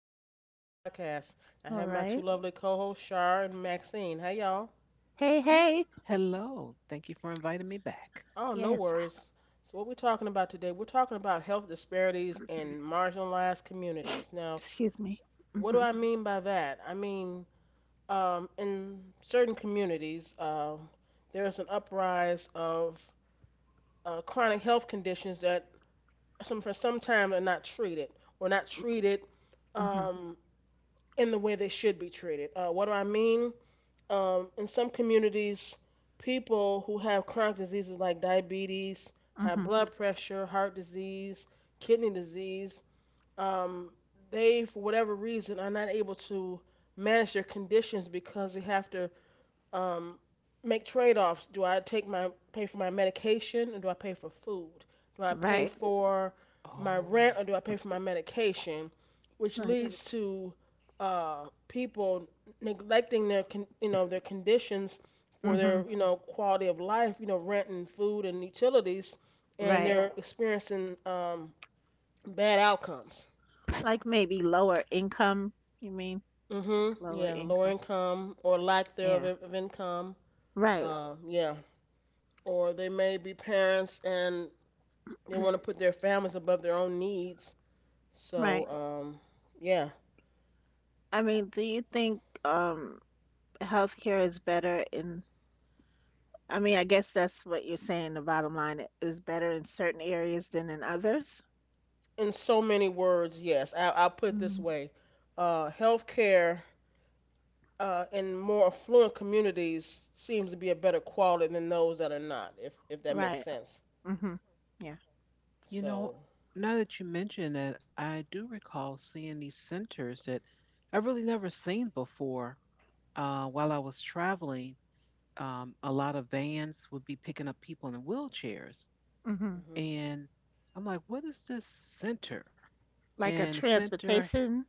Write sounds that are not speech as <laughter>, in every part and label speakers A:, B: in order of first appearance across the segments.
A: again with another podcast. I
B: All
A: have my two
B: right.
A: lovely co-hosts Shar and Maxine. Hey y'all.
B: Hey,
C: Hey,
B: hey.
C: hello. Thank you for inviting me back.
A: Oh, no
B: Yes. <sighs>
A: worries. So what we're talking about today, we're talking about health disparities in marginalized communities. Now,
B: Excuse me.
A: what do I mean by that? In certain communities, there's an uprise of chronic health conditions that some time are not treated or not treated
B: Mhm.
A: um, in the way they should be treated. What do I mean? In some communities, people who have chronic diseases like diabetes, high
B: Mhm.
A: blood pressure, heart disease, kidney disease, um, they, for whatever reason, are not able to manage their conditions because they have to um, make trade-offs. Do I take my pay for my medication, or do I pay for food? Do I pay
B: Right.
A: for my
C: Oh,
A: rent, or do I pay for my medication? Which
B: Like.
A: leads to people neglecting their their conditions for
B: Mhm.
A: their quality of life, rent and food and utilities, and
B: Right.
A: they're experiencing bad outcomes.
B: Like maybe lower income. You mean like
A: Mhm.
B: lower
A: Yeah, low
B: income?
A: income or lack thereof
B: Yeah.
A: of income.
B: Right.
A: Yeah, or they may be parents and they want to put their families above their own needs.
B: Right.
A: So, yeah,
B: I mean, do you think healthcare is better in? I mean, I guess that's what you're saying. The bottom line is better in certain areas than in others.
A: in so many words, yes, I'll put it this
B: Mhm.
A: way: healthcare in more affluent communities seems to be a better quality than those that are not, if that makes
B: Right.
A: sense.
B: Mhm. Yeah.
C: you know,
A: So,
C: now that you mention it, I do recall seeing these centers that I really never seen before. While I was traveling, a lot of vans would be picking up people in wheelchairs,
B: Mhm.
A: mhm,
C: and I'm like, "What is this center?"
B: Like a
C: And the center
B: transportation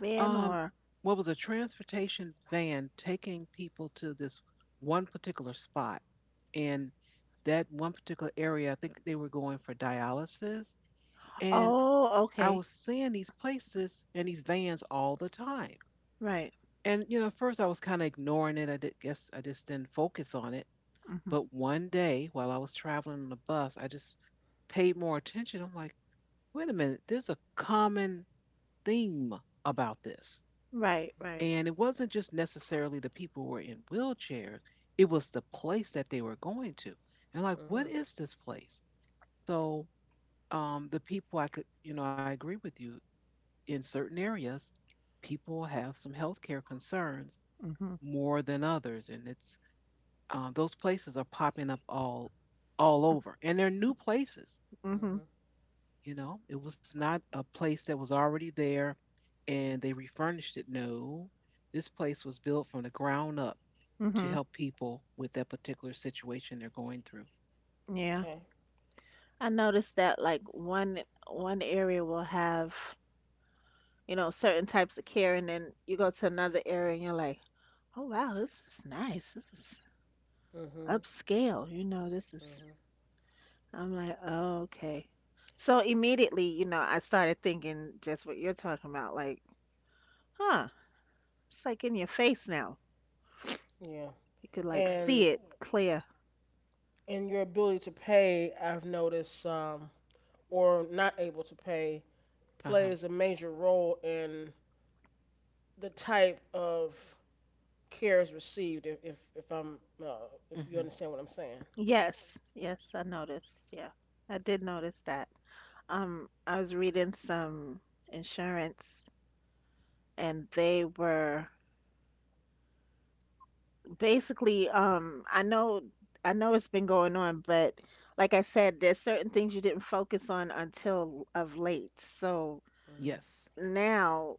B: van
C: Um,
B: or.
C: what was a transportation van taking people to this one particular spot, and that one particular area. I think they were going for dialysis, and
B: Oh,
C: I was
B: okay.
C: seeing these places and these vans all the time.
B: Right.
C: And you know, at first I was kind of ignoring it. Guess I just didn't focus on it.
B: Mhm.
C: But one day, while I was traveling on the bus, I just paid more attention. I'm like, wait a minute, there's a common theme about this.
B: Right,
A: mhm,
B: right.
C: And it wasn't just necessarily the people who were in wheelchairs, it was the place that they were going to. And like, what
A: mhm,
C: is this place? So, the people I could, you know, I agree with you. In certain areas, people have some healthcare concerns
B: Mhm.
C: more than others, and it's those places are popping up all over, and they're new places.
B: Mhm.
A: mhm,
C: You know, it was not a place that was already there and they refurnished it. No, this place was built from the ground up to
B: Mhm.
C: help people with that particular situation they're going through.
B: Yeah.
A: okay,
B: I noticed that like one area will have, you know, certain types of care, and then you go to another area and you're like, "Oh wow, this is nice. This is
A: mhm,
B: upscale. You know, this is."
A: mhm,
B: I'm like, "Oh, okay." So immediately, you know, I started thinking just what you're talking about, like, "Huh, it's like in your face now.
A: yeah,
B: You could like see
A: and
B: it clear."
A: in your ability to pay, I've noticed, or not able to pay,
C: Uh huh.
A: plays a major role in the type of care is received. If I'm, if you
C: Mm-hmm.
A: understand what I'm saying.
B: Yes. Yes, I noticed. Yeah. I did notice that. I was reading some insurance, and they were basically I know it's been going on, but like I said, there's certain things you didn't focus on until of late. So
A: Hmm.
C: Yes.
B: now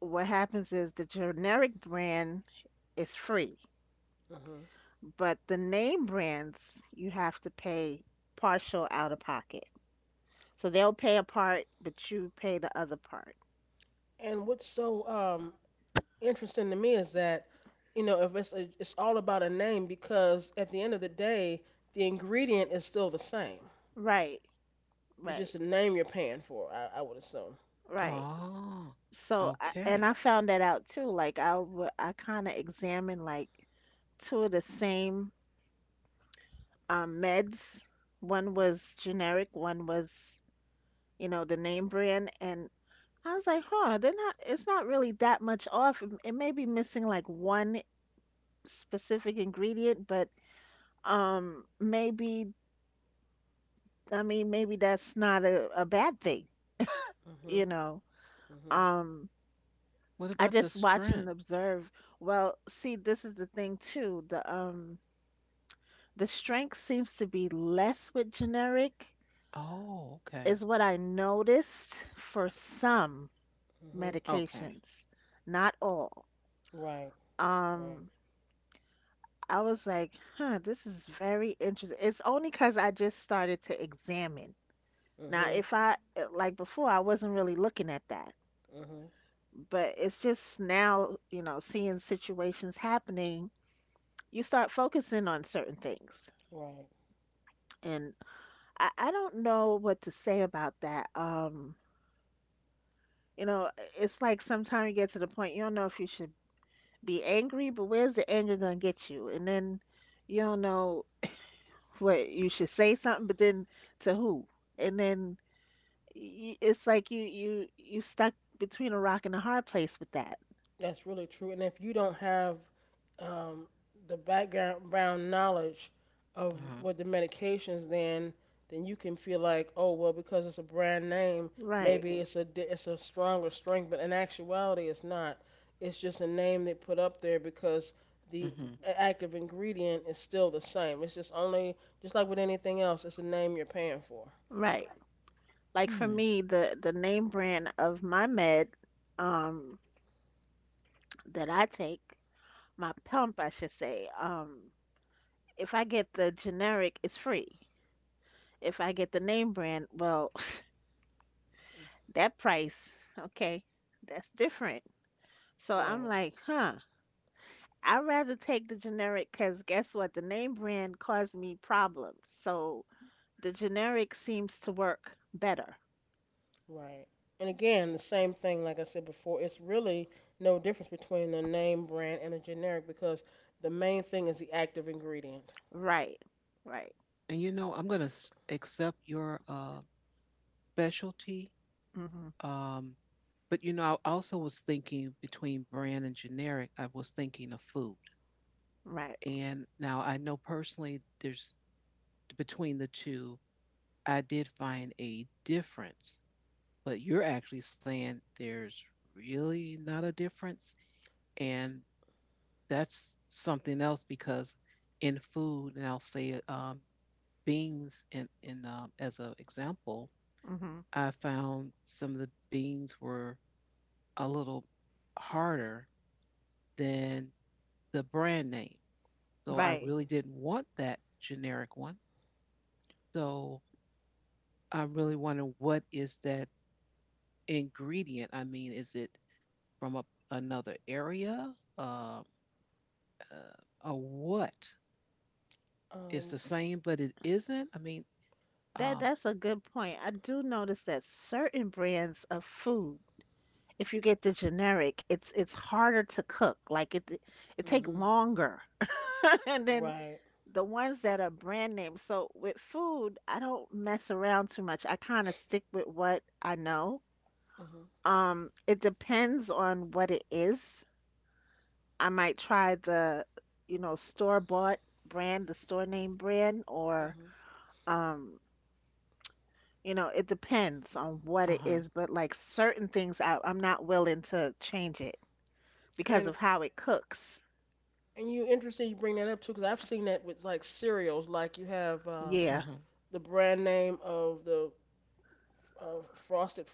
B: what happens is the generic brand is free,
A: Hmm.
B: but the name brands you have to pay partial out of pocket. So they'll pay a part, but you pay the other part.
A: And what's so interesting to me is that, you know, if it's a, it's all about a name because at the end of the day the ingredient is still the same.
B: Right,
A: It's
B: right,
A: just a name you're paying for. I would assume.
B: right.
C: Oh,
B: So, I, and
C: okay.
B: I found that out too. Like I I kind of examined like two of the same meds. One was generic, one was, you know, the name brand, and I was like, huh, they're not. It's not really that much off. It may be missing like one specific ingredient, but maybe I mean maybe that's not a bad thing, you
A: Mhm.
B: know.
A: Mhm.
B: Um,
C: What
B: I
C: about the
B: just watch and
C: strength?
B: observe. Well, see, this is the thing too. The strength seems to be less with generic,
C: Oh,
B: is
C: okay.
B: what I noticed for some
A: Mhm.
C: Okay.
B: medications, not all.
A: Right. Right.
B: Um, I was like, huh, this is very interesting. It's only because I just started to examine. Now,
A: Mhm.
B: if I, like before, I wasn't really looking at that,
A: Mhm.
B: but it's just now, you know, seeing situations happening, you start focusing on certain things.
A: Right.
B: And I don't know what to say about that. You know, it's like sometimes you get to the point you don't know if you should be angry, but where's the anger gonna get you? And then you don't know what you should say something, but then to who? And then it's like you stuck between a rock and a hard place with that.
A: That's really true. And if you don't have um, the background brown knowledge of
C: Uh huh.
A: what the medications, then you can feel like, oh well, because it's a brand name,
B: Right,
A: maybe it's a stronger strength, but in actuality, it's not. It's just a name they put up there because the
C: Mm-hmm.
A: a- active ingredient is still the same. It's just only just like with anything else, it's a name you're paying for.
B: right. Like for
C: Hmm.
B: me, the name brand of my med um that I take, my pump I should say, if I get the generic, it's free. If I get the name brand, well, <laughs> that price, okay, that's different. So I'm
A: Right.
B: like, huh, I'd rather take the generic because guess what? The name brand caused me problems. So the generic seems to work better.
A: Right. And again, the same thing, like I said before, it's really no difference between a name brand and a generic because the main thing is the active ingredient.
B: Right, right,
C: And you know, I'm gonna accept your specialty.
B: hmm,
C: Um, but you know, I also was thinking between brand and generic. I was thinking of food.
B: right,
C: And now I know personally, there's between the two, I did find a difference. But you're actually saying there's really not a difference. And that's something else because in food, and I'll say beans in as an example,
B: hmm,
C: I found some of the beans were a little harder than the brand name. So I
B: right.
C: really
A: Hmm.
C: didn't want that generic one. So I'm really wondering what is that ingredient? I mean, is it from another area? Uh, a what? It's
A: Um.
C: the same, but it isn't. I mean,
B: That
C: um,
B: that's a good point. I do notice that certain brands of food, if you get the generic, it's harder to cook. Like it take
A: Hmm.
B: longer. <laughs> And then
A: Right.
B: the ones that are brand name. So with food, I don't mess around too much. I kind of stick with what I know.
A: Hmm.
B: It depends on what it is. I might try the, you know, store-bought brand, the store name brand, or
A: Hmm.
B: um, you know, it depends on what
C: uh
B: it
C: huh,
B: is, but like certain things I'm not willing to change it because
A: And
B: of how it cooks.
A: and you, interesting you bring that up too, because I've seen that with like cereals, like you have
C: uh
B: Yeah,
C: huh,
A: the brand name of the uh, Frosted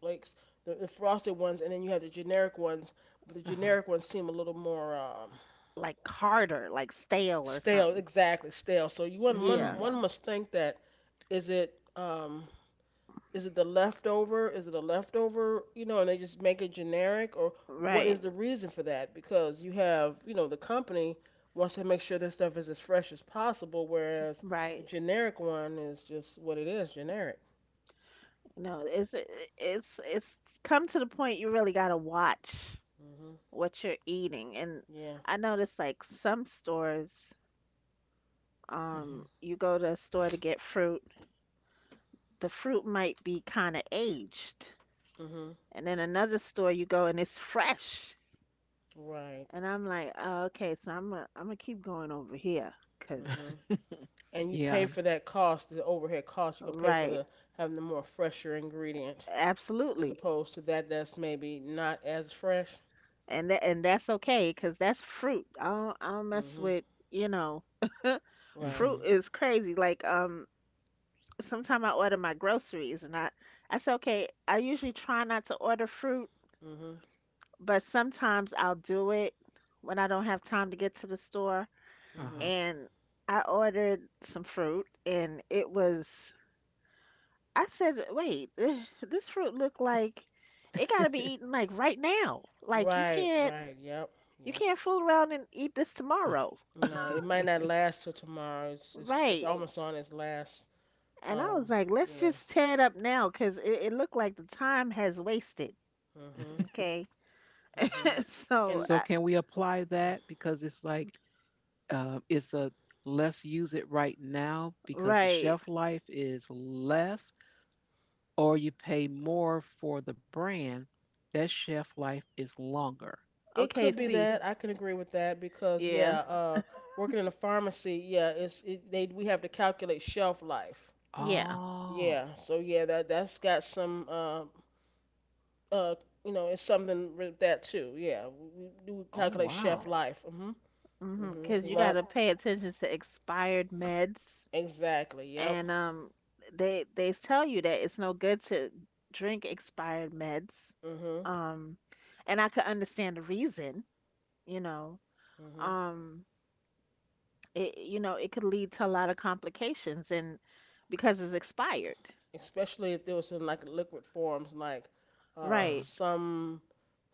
A: Flakes, the frosted ones, and then you have the generic ones. But the
C: uh huh.
A: generic ones seem a little more um.
B: like harder, like stale or
A: Stale,
B: something.
A: exactly, stale. So you one one
B: Yeah,
C: Mm,
A: one must think that, is it um, is it the leftover? Is it a leftover? You know, and they just make it generic, or what is
B: right.
A: Right. the reason for that? Because you have, you know, the company wants to make sure their stuff is as fresh as possible, whereas a Right.
B: Right.
A: generic one is just what it is, generic.
B: No, it's come to the point you really gotta watch
A: Mhm.
B: what you're eating. And
A: Yeah.
B: I noticed like some stores, you go to a store to get fruit, the fruit might be kind of aged.
A: Mhm.
B: And then another store you go and it's fresh.
A: Right.
B: And I'm like, oh, okay, so I'm gonna keep going over here 'cause
A: Mhm.
C: mm-hmm.
A: And you pay
C: <laughs> Yeah.
A: for that cost, the overhead cost. You can pay for the
B: right,
A: Right. having the more fresher ingredient, as
B: absolutely.
A: opposed to that's maybe not as fresh.
B: And that and that's okay because that's fruit. I don't mess
A: Hmm.
B: with, you know,
A: Right.
B: fruit
C: Mm-hmm.
B: is crazy. Like sometimes I order my groceries, and I say okay. I usually try not to order fruit,
A: Hmm.
B: but sometimes I'll do it when I don't have time to get to the store.
A: Hmm.
C: Uh
B: And I ordered some fruit, and it was, I said wait, eh, this fruit looked like it gotta be eaten like right now. Like
A: Right. Right. Yep.
B: you
A: Yep.
B: can't fool around and eat this tomorrow.
A: No, it might
C: huh.
A: not last till tomorrow. It's
B: Right.
A: almost on its last.
B: And I
A: Um.
B: was like, let's
A: Yeah.
B: just tear it up now because it looked like the time has wasted.
A: Hmm.
B: Okay.
A: Hmm.
B: <laughs>
C: <laughs>
B: so,
A: And
C: So
B: I,
C: can we apply that because it's like it's a let's use it right now because the
B: right.
C: shelf life is less, or you pay more for the brand, that shelf life is longer.
A: it
B: Okay,
A: could be
B: see.
A: that, I can agree with that because
B: Yeah.
A: yeah, working in a pharmacy, yeah, it's it, they we have to calculate shelf life.
B: Yeah.
C: Oh,
A: Yeah. So yeah, that that's got some uh, you know, it's something with that too. Yeah, we do
C: oh
A: calculate chef
C: wow.
A: life. Mhm.
B: Mm-hmm.
A: Mhm.
B: Because
A: 'Cause
B: you got
A: my
B: to pay attention to expired meds.
A: exactly. Yep.
B: And they tell you that it's no good to drink expired meds.
A: Mhm.
B: Um, and I could understand the reason, you know.
A: Mhm.
B: Um, you know, it could lead to a lot of complications, and because it's expired.
A: Especially if it was in like liquid forms, like
C: Uh-huh.
A: uh,
B: Right.
A: some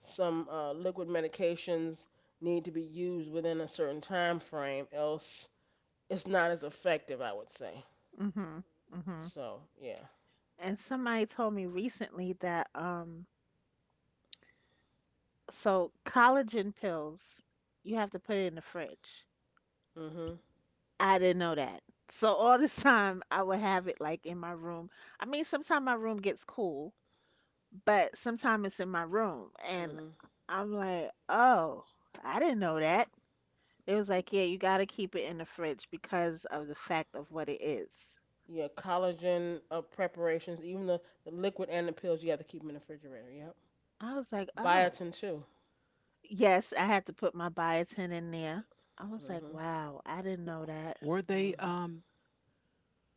A: some liquid medications need to be used within a certain time frame, else it's not as effective. I would say.
B: Mm-hmm. Mm-hmm.
A: So yeah.
B: And somebody told me recently that so collagen pills you have to put it in the fridge.
A: Mhm.
B: I didn't know that. So all this time I would have it like in my room. I mean, sometimes my room gets cool, but sometimes it's in my room and
A: Mhm.
B: I'm like, "Oh, I didn't know that." It was like, "Yeah, you got to keep it in the fridge because of the fact of what it is."
A: Yeah, collagen preparations, even the liquid and the pills, you have to keep 'em in the refrigerator. Yeah.
B: I was like, "Oh."
A: Biotin too.
B: Yes, I had to put my biotin in there. I was like,
A: Mhm.
B: wow, I didn't know that.
C: Were they
A: Mhm.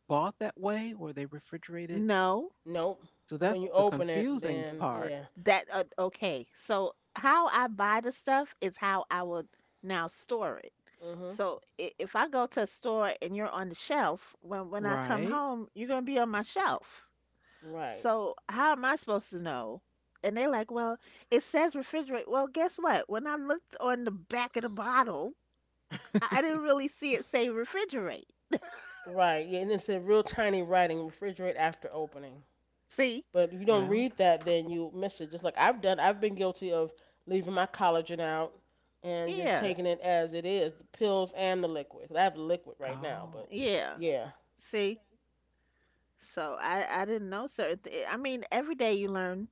C: bought that way? Were they refrigerated?
B: No,
A: Nope.
C: So
A: When
C: that's
A: you
C: the
A: open it,
C: confusing
A: then
C: part,
A: yeah.
B: that okay. So how I buy the stuff is how I would now store it.
A: Mhm.
B: So if I go to a store and you're on the shelf, when I come
C: right?
B: home, you're gonna be on my shelf.
A: Right.
B: So how am I supposed to know? And they're like, well, it says refrigerate. Well, guess what? When I looked on the back of the bottle, I didn't really see it say refrigerate.
A: Right. Yeah, and it said real tiny writing, refrigerate after opening.
B: See?
A: But if you don't
C: Well,
A: read that, then you miss it. Just like I've done, I've been guilty of leaving my collagen out and just
B: Yeah,
A: taking it as it is, the pills and the liquid. 'Cause I have the liquid right now,
C: oh,
A: but
B: yeah.
A: yeah.
B: See, so I didn't know certain. I mean, every day you learn,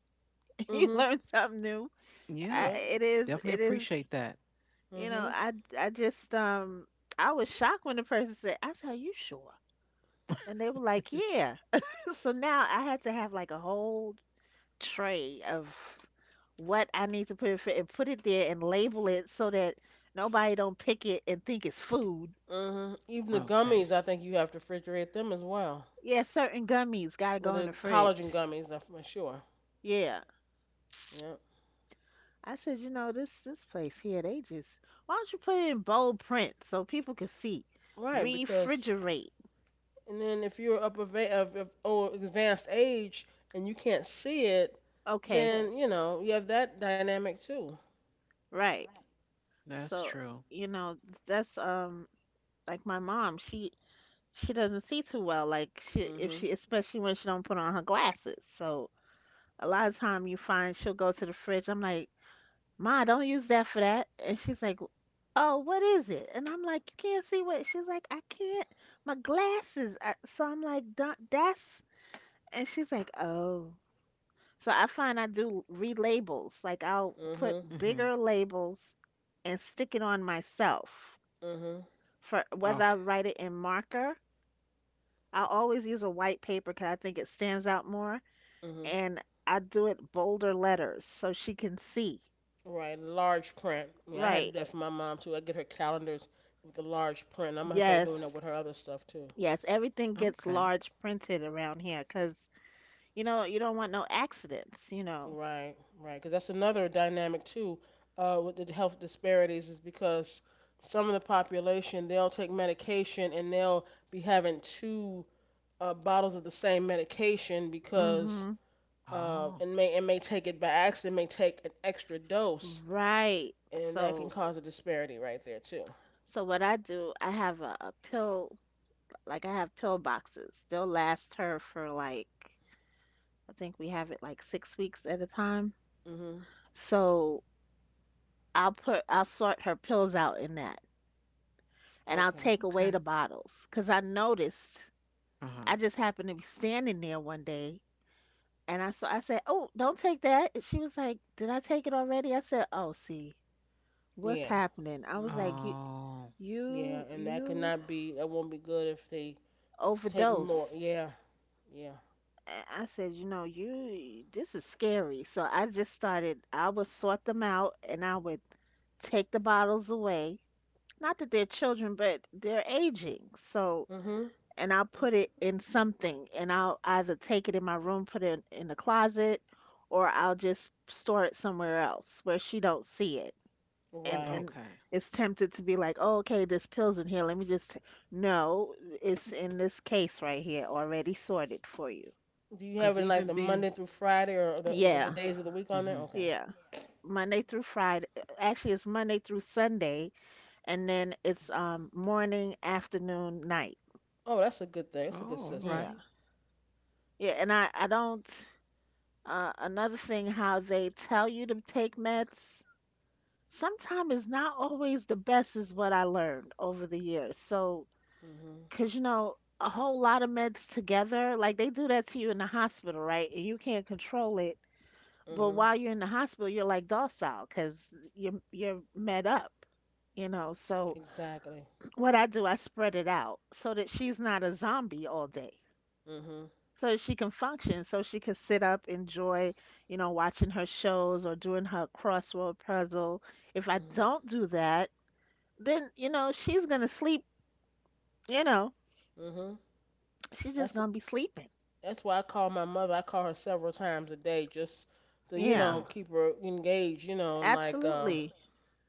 B: <laughs> you
A: Mhm.
B: learn something new.
C: yeah,
A: Yep.
B: It is
C: definitely
B: it is
C: appreciate that.
B: you know
A: Mhm.
B: I just I was shocked when the person said, "I said, are you sure?" And they were like, "Yeah." <laughs> So now I had to have like a whole tray of what I need to put in, and put it there and label it so that nobody don't pick it and think it's food.
A: Mhm. Even the
C: Okay,
A: gummies, I think you have to refrigerate them as well.
B: Yeah, certain gummies gotta go in
A: The
B: the
A: collagen
B: fridge.
A: gummies, I'm sure.
B: Yeah.
A: Yeah.
B: I said, you know, this place here, they just why don't you put it in bold print so people can see?
A: Right, because
B: Refrigerate.
A: and then if you're up of advanced age and you can't see it, Right.
B: Okay,
A: then you know you have that dynamic too.
B: right.
C: that's
B: So,
C: true.
B: you know, that's like my mom, she doesn't see too well, like she if
A: Mhm,
B: she, especially when she don't put on her glasses. So a lot of time you find she'll go to the fridge. I'm like, Ma, don't use that for that. And she's like, Oh, what is it? And I'm like, You can't see what? She's like, I can't. My glasses. So I'm like, "Duh, That's And she's like, oh. So I find I do relabels. Like I'll put
A: mhm,
C: Hmm.
B: bigger labels and stick it on myself.
A: mhm,
B: For whether I
C: Okay,
B: write it in marker, I always use a white paper because I think it stands out more.
A: mhm.
B: And I do it bolder letters so she can see.
A: Right, large print. I mean, I had
B: Right.
A: to do that for my mom too. I get her calendars with the large print. I'm gonna start doing Right. that
B: Yes.
A: with her other stuff too.
B: Yes. Everything gets
C: okay,
B: large printed around here because, you know, you don't want no accidents, you know.
A: Right, because that's another dynamic too. With the health disparities, is because some of the population, they'll take medication and they'll be having two bottles of the same medication because
B: Mm-hmm.
C: oh,
A: it may, it may take it by accident, may take an extra dose,
B: Right.
A: and that can
B: So
A: cause a disparity right there too.
B: So what I do, I have a pill, like I have pill boxes. They'll last her for like, I think we have it like six weeks at a time.
A: Mhm.
B: So I'll put, I'll sort her pills out in that, and I'll
A: Okay.
B: take away
C: okay,
B: the bottles. Cause I noticed,
C: uh huh.
B: I just happened to be standing there one day, and I saw, I said, "Oh, don't take that." And she was like, "Did I take it already?" I said, "Oh, see, what's
A: Yeah.
B: happening?" I was
A: Mhm.
B: like, "You,
C: Oh,
A: Yeah, and that could
B: you."
A: not be, that won't be good if they take more.
B: Overdose.
A: Yeah. Yeah.
B: I said, you know, you this is scary. So I just started, I would sort them out, and I would take the bottles away. Not that they're children, but they're aging. So,
A: Mhm.
B: and I'll put it in something, and I'll either take it in my room, put it in, the closet, or I'll just store it somewhere else where she don't see it.
A: Right.
B: And
C: okay,
B: it's tempted to be like, "Oh, okay, this pill's in here. Let me just t-" No, it's in this case right here, already sorted for you."
A: Do you have
C: because
A: it in like
C: even
A: the
C: being,
A: Monday through Friday, or the with the
B: Yeah.
A: days of the week on
C: hmm,
A: there? Okay.
B: Yeah. Monday through Friday. Actually, it's Monday through Sunday, and then it's morning, afternoon, night.
A: Oh, that's a good thing. That's a good
C: oh, all
A: system.
B: Yeah.
C: right.
B: Yeah, and I don't— another thing, how they tell you to take meds sometimes is not always the best, is what I learned over the years. So,
A: Mhm.
B: 'cause you know, a whole lot of meds together, like they do that to you in the hospital, right? And you can't control it. But
A: Mhm.
B: while you're in the hospital, you're like docile 'cause you're med up, you know. So,
A: Exactly.
B: what I do, I spread it out so that she's not a zombie all day.
A: Mhm.
B: So that she can function, so she can sit up, enjoy, you know, watching her shows or doing her crossword puzzle. If I
A: Mhm.
B: don't do that, then, you know, she's gonna sleep, you know,
A: Mhm.
B: she's just
A: That's
B: gonna be sleeping.
A: That's why I call my mother. I call her several times a day just to, you
B: Yeah,
A: know,
C: Uh-huh.
A: keep her engaged, you know, and like,
B: absolutely.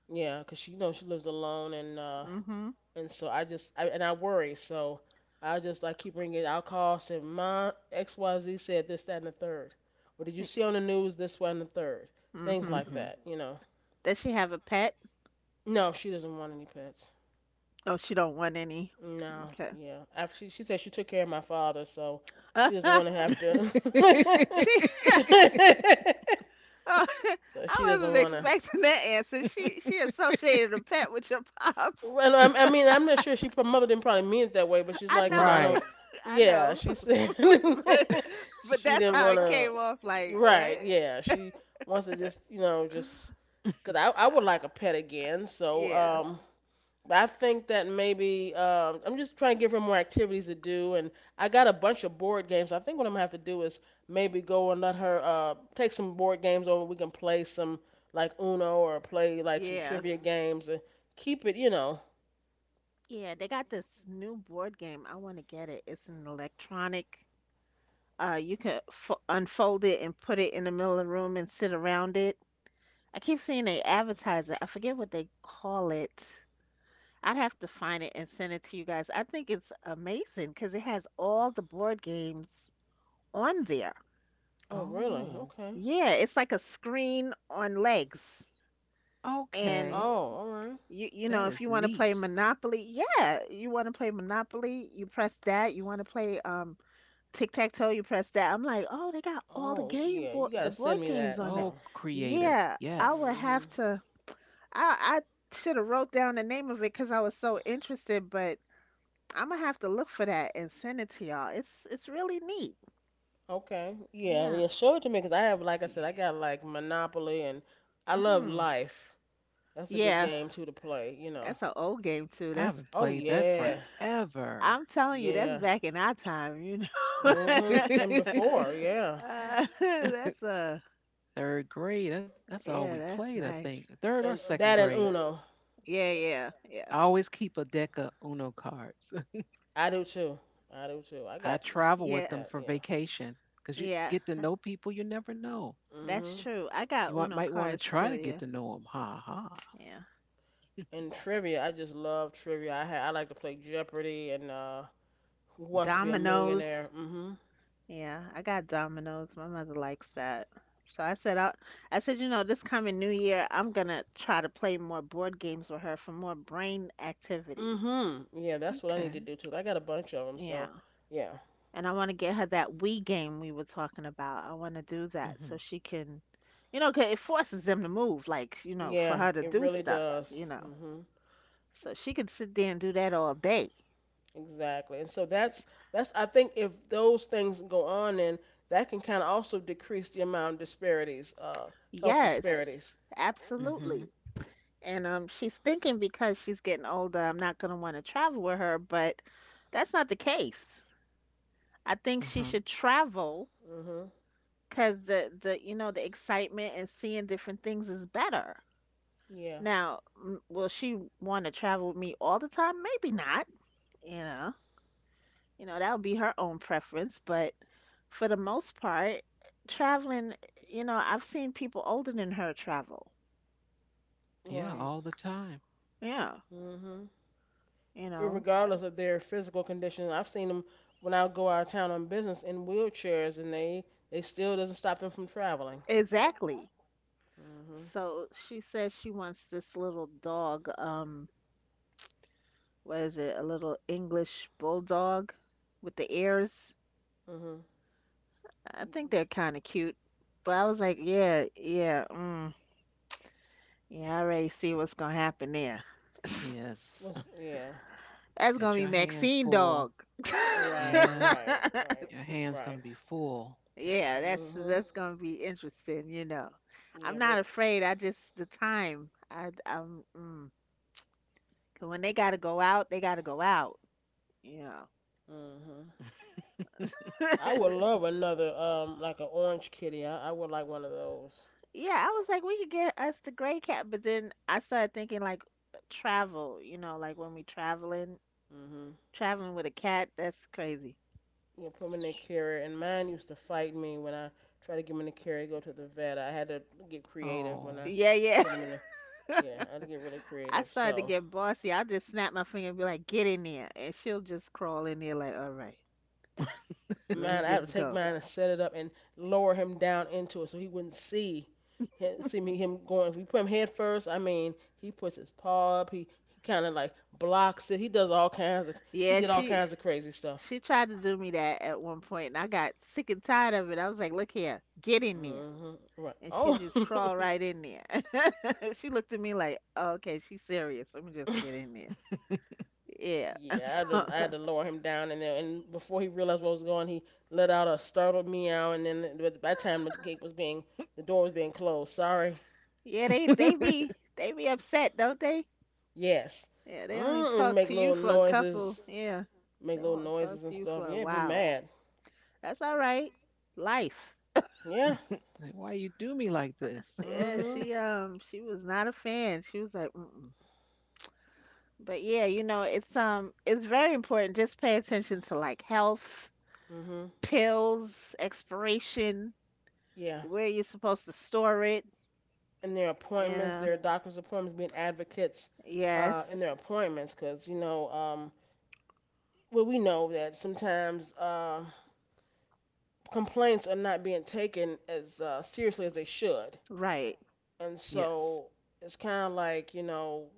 A: yeah, 'cause she, you know, she lives alone
B: Mm-hmm.
A: and so I just, I, and I worry. So I just like keep her engaged. I'll call, say, Ma, XYZ said this, that, and the third. Or did you see on the news this, one, and the third? Things
B: Mm-hmm.
A: like
C: Mhm.
A: that, you know.
B: Does she have a pet?
A: No, she doesn't want any pets.
B: Oh, she don't want any.
A: No,
B: Okay.
A: yeah. After she said she took care of my father, so she doesn't want
B: <laughs>
A: to have to.
B: She—
C: <laughs>
A: <laughs>
B: Oh, <laughs>
A: So she
B: I
A: doesn't
B: wasn't
A: want to.
B: expecting that answer. She associated a pet with your pops.
A: And
B: <laughs>
A: I mean, I'm not sure she her mother didn't probably mean it that way, but she's
B: I
A: like, you know,
B: know,
A: I
C: Right.
A: don't.
B: I
A: Yeah,
B: know, <laughs>
A: she said <laughs>
B: but
A: she
B: that's
A: didn't
B: how
A: want
B: it
A: to.
B: came off. Like what?
A: Right? Yeah, she wants to just, you know,
B: Uh,
A: just. Cause I would like a pet again. So
B: yeah,
A: I think that maybe I'm just trying to give her more activities to do, and I got a bunch of board games. I think what I'm gonna have to do is maybe go and let her take some board games over. We can play some like Uno or play like some
B: yeah,
A: trivia games and keep it, you know.
B: yeah. They got this new board game. I want to get it. It's an electronic. You can fo— unfold it and put it in the middle of the room and sit around it. I keep seeing they advertise it. I forget what they call it. I'd have to find it and send it to you guys. I think it's amazing because it has all the board games on there.
A: Oh, really?
C: Oh,
A: Okay.
B: Yeah, it's like a screen on legs.
C: okay.
B: And
A: Oh, all right.
B: you
C: That
B: know, if
C: is
B: you want to play
C: neat.
B: Monopoly, yeah, you want to play Monopoly, you press that. You want to play tic-tac-toe, you press that. I'm like, "Oh, they got all the
A: Oh,
B: game
A: yeah.
B: board
A: You
B: the
A: gotta send
B: board
A: me
B: games
A: that.
B: on that."
C: Oh,
A: So.
C: creative.
B: Yeah, I
C: Yes.
B: would have
A: Mhm.
B: to— I— I should have wrote down the name of it because I was so interested, but I'm gonna have to look for that and send it to y'all. It's really neat.
A: Okay. Yeah.
B: Yeah.
A: Yeah. Show it to me, 'cause I have, like I
C: Yeah.
A: said, I got like Monopoly, and I love
B: Hmm.
A: Life. That's a good
B: Yeah,
A: game too to play. You know.
B: that's an old game too.
C: I
B: That's—
C: haven't
A: Oh
C: played that
A: yeah,
C: forever.
B: I'm telling you, that's
A: yeah.
B: back in our time, you know.
A: Mhm. And
B: <laughs>
A: before,
C: <laughs>
A: yeah.
B: <laughs> That's
C: Third grade. That's all we
B: yeah,
C: played,
B: that's
C: I think.
B: nice.
C: Third or
A: And
C: second
A: that and
C: grade.
A: Uno,
B: Yeah, yeah, yeah.
C: I always keep a deck of Uno cards.
A: I do too. I do too. I
C: <laughs> I
A: got
B: Y-
C: travel with
B: Yeah,
C: them
A: that.
C: for
A: Yeah.
C: vacation because you
B: yeah.
C: get to know people you never know.
B: That's
A: Mhm.
B: true. I got Uno
C: Might want to
B: cards
C: try
B: too,
C: to get
B: yeah.
C: to know them. Ha ha.
B: Yeah.
A: And trivia, I just love trivia. I like to play Jeopardy and Who Wants to Be a Millionaire.
B: Dominoes.
A: Mhm.
B: Yeah, I got Domino's. My mother likes that. So I said, I— I said, you know, this coming new year, I'm gonna try to play more board games with her for more brain activity.
A: Mhm. Yeah, that's what I need to do
C: Okay.
A: too. I got a bunch of them,
B: Yeah.
A: so yeah.
B: And I want to get her that Wii game we were talking about. I want to do that so she can, you know, 'cause it forces them to move, like, you know, for
A: Yeah,
B: her to
A: it
B: do
A: really
B: stuff,
A: does.
B: you know.
A: Mm-hmm.
B: So she could sit there and do that all day.
A: Exactly. And so that's I think if those things go on and that can kind of also decrease the amount of disparities, health Right.
B: Yes,
A: disparities.
C: Mm-hmm.
B: absolutely. And she's thinking because she's getting older, I'm not going to want to travel with her, but that's not the case. I think she should
C: Uh-huh.
B: travel
A: Mhm.
B: because you know, the excitement and seeing different things is better.
A: Yeah.
B: Now, m- will she want to travel with me all the time? Maybe not, you know. You know, that would be her own preference, but for the most part, traveling, you know, I've seen people older than her travel.
C: Yeah,
A: Right.
C: all the time.
B: Yeah,
A: Mhm.
B: you know,
A: Regardless of their physical condition, I've seen them when I go out of town on business in wheelchairs, and they still doesn't stop them from traveling.
B: exactly.
A: Mhm.
B: So she says she wants this little dog, what is it, a little English bulldog with the ears.
A: Mhm.
B: I think they're kind of cute. But I was like, yeah, yeah, yeah, I already see what's gonna happen there. <laughs>
C: Yes.
A: What's yeah.
B: That's
C: <laughs>
B: gonna
C: Got
B: be
C: your hands
B: Maxine dog.
C: full.
B: <laughs>
A: Right.
C: Yeah,
A: Right. Right.
C: your hands
A: Right.
C: gonna be full.
B: Yeah, that's
A: Mhm.
B: that's gonna be interesting, you know. I'm
A: Yeah,
B: not
A: but
B: afraid. I just the time. 'Cause when they gotta go out, they gotta go out, you
A: mhm.
C: <laughs>
B: know.
A: I
B: <laughs>
A: would love another, like an orange kitty. I would like one of those.
B: Yeah, I was like, we could get us the gray cat, but then I started thinking like travel, you know, like when we traveling,
A: Mhm.
B: traveling with a cat, that's crazy.
A: Yeah, put him in their carrier. And mine used to fight me when I tried to get 'em in the carrier, go to the vet. I had to get creative when
C: Oh. <laughs>
A: I
B: Yeah, yeah.
A: put him in the.
B: <laughs>
A: Yeah, I had to get really
B: I
A: creative.
B: started to
A: So
B: get bossy. I just snap my finger and be like, get in there. And she'll just crawl in there like, all right, let me
A: mine, I had to
B: just
A: take
B: go.
A: mine and set it up and lower him down into it so he wouldn't see. See me him going. If we put him head first, I mean, he puts his paw up. He kind of like blocks it. He does all kinds of. He
B: Yeah,
A: did all
B: she
A: kinds of crazy stuff.
B: she tried to do me that at one point and I got sick and tired of it. I was like, look here, get in there.
A: Hmm. Right.
B: And she
A: Oh.
B: just crawl
A: <laughs>
B: right in there. <laughs> She looked at me like, oh, okay, she's serious. Let me just get in there. Yeah. <laughs>
A: Yeah, I had,
B: So—
A: to, I had to lower him down, and before he realized what was going, he let out a startled meow, and then but by the time the door was being closed. Sorry.
B: yeah, they be upset, don't they?
A: Yes.
B: Yeah, they only
A: And
B: talk
A: make
B: to you
A: little
B: for a couple.
A: noises,
B: Yeah.
A: make
B: They
A: little
B: won't talk
A: noises and
B: to you
A: stuff.
B: for a
A: Yeah, be
B: while.
A: mad.
B: That's all right. Life.
A: Yeah.
C: Like, why you do me like this? <laughs>
B: Yeah,
A: Mhm.
B: she was not a fan. She was like, mm-mm. But yeah, you know, it's very important. Just pay attention to like health,
A: Mhm.
B: pills, expiration,
A: Yeah.
B: where you're supposed to store it.
A: And their
B: You
A: appointments,
B: know,
A: their doctor's appointments, being advocates in their
B: yes,
A: appointments, because well, we know that sometimes complaints are not being taken as seriously as they should.
B: right,
A: And
C: Yes.
A: so it's kind of like,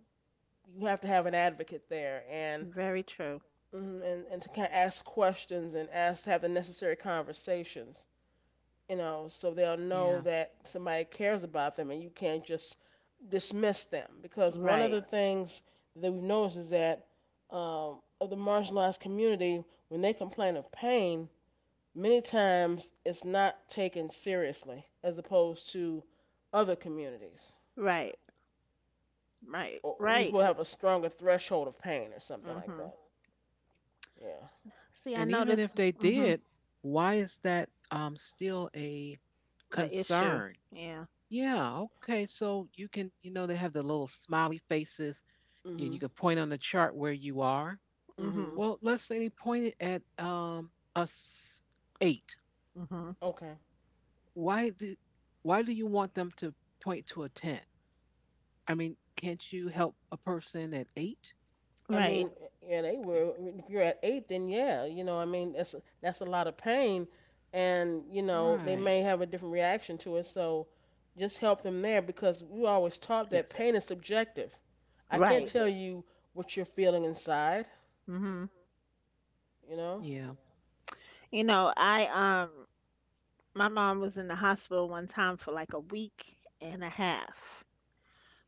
A: you have to have an advocate there and
B: very true.
A: and to kind of ask questions and ask have the necessary conversations, so they'll know
C: Yeah.
A: that somebody cares about them and you can't just dismiss them. Because one of
B: Right,
A: the things that we've noticed is that of the marginalized community, when they complain of pain, many times it's not taken seriously as opposed to other communities.
B: right. Right,
A: We
B: right.
A: will have a stronger threshold of pain or something like
B: Mhm.
A: that. Yeah.
B: See, I
C: And
B: know
C: even if
B: this.
C: they
B: Mhm.
C: did, why is that still a
B: A issue.
C: concern?
B: Yeah.
C: Yeah, okay. So you can, they have the little smiley faces. You
A: Mhm.
C: can point on the chart where you are.
A: Mhm.
B: Mhm.
C: Well, let's say they pointed at us 8.
B: Mhm.
A: Okay.
C: why do why do you want them to point to a 10? I mean, can't you help a person at 8?
A: I
B: Right,
A: mean, yeah, they
C: I mean,
A: were. If you're at eight, then yeah, I mean, that's a lot of pain, and they
C: right.
A: may have a different reaction to it. So, just help them there because we were always taught that
C: Yes.
A: pain is subjective. I can't
B: right.
A: tell you what you're feeling inside.
B: Mhm.
A: You know.
C: Yeah.
B: You know, I my mom was in the hospital one time for like a week and a half.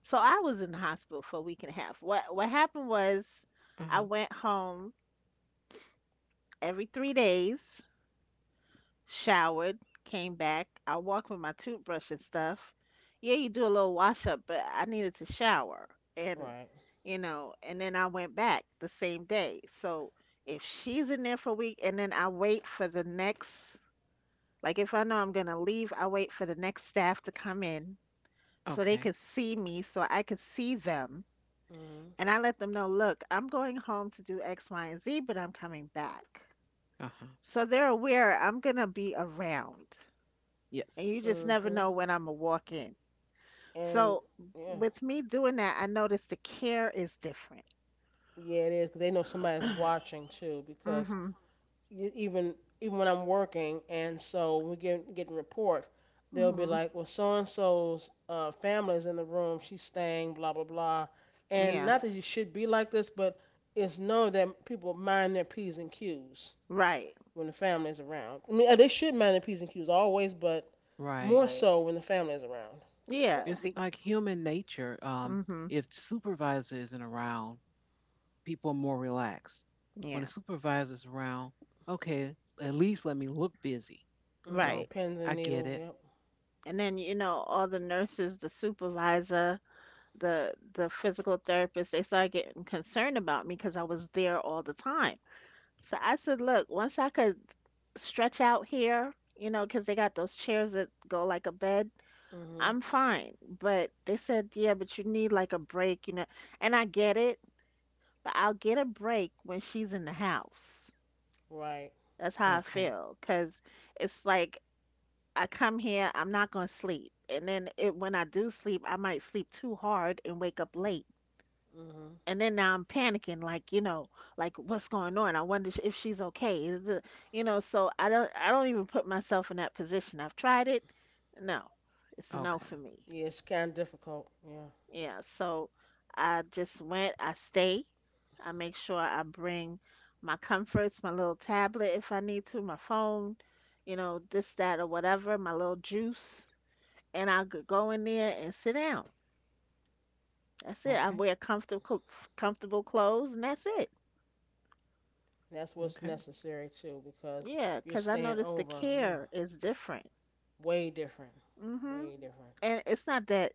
B: So I was in the hospital for a week and a half. What happened was, I
C: Uh-huh.
B: went home every 3 days. Showered, came back. I walked with my toothbrush and stuff. Yeah, you do a little wash up, but I needed to shower. And,
A: Right.
B: you know, and then I went back the same day. So if she's in there for a week and then I wait for the next, like if I know I'm going to leave, I wait for the next staff to come in so
C: Okay.
B: they could see me, so I could see them.
A: Mhm.
B: And I let them know, look, I'm going home to do X, Y, and Z, but I'm coming back.
C: Uh-huh.
B: So they're aware I'm going to be around. And you
C: Yes.
B: just never
A: Mhm.
B: know when I'm gonna walk in.
A: And
B: So
A: yeah,
B: with me doing that, I noticed the care is different. <clears throat>
A: yeah, it is. 'Cause they know somebody's watching too, because
B: Mhm.
A: you, even even when I'm working, and so we get a report, they'll be
B: Mhm.
A: like, well, so and so's family's in the room. She's staying. Blah blah blah. And
B: Yeah.
A: not that you should be like this, but it's known that people mind their p's and q's
B: Right.
A: when the family's around. I mean, they should mind their p's and q's always, but more,
C: Right.
A: right, so when the family's around.
B: Yeah.
C: It's
B: Be—
C: like human nature,
B: mhm.
C: if supervisor isn't around, people are more relaxed. When the
B: Yeah.
C: supervisor's around, okay, at least let me look busy. So
A: Mhm.
B: Right.
A: Pins and
C: I get
A: needles.
C: it.
A: Yep.
B: And then you know all the nurses, the supervisor, the physical therapist, they started getting concerned about me because I was there all the time. So I said, look, once I could stretch out here, you know, because they got those chairs that go like a bed.
A: Mhm.
B: I'm fine. But they said, yeah, but you need like a break, you know. And I get it, but I'll get a break when she's in the house.
A: Right.
B: That's how I
C: Okay.
B: feel. Cause it's like I come here, I'm not gonna sleep. And then it, when I do sleep, I might sleep too hard and wake up late.
A: Mhm.
B: And then now I'm panicking, like, you know, like what's going on? I wonder if she's okay. Is it— you know, so I don't even put myself in that position. I've tried it. No, it's a no for
C: Okay.
B: me.
A: Yeah, it's kind of difficult. Yeah,
B: Yeah, so I just went, I stay. I make sure I bring my comforts, my little tablet if I need to, my phone, you know, this, that, or whatever, my little juice. And I could go in there and sit down. That's it. I
C: Okay.
B: wear comfortable, comfortable clothes, and that's it.
A: that's what's
C: Okay.
A: necessary too, because
B: Yeah,
A: you're
B: 'cause I
A: staying
B: noticed the
A: over. Yeah,
B: care is different.
A: way different,
B: Hmm.
A: way different.
B: And it's not that,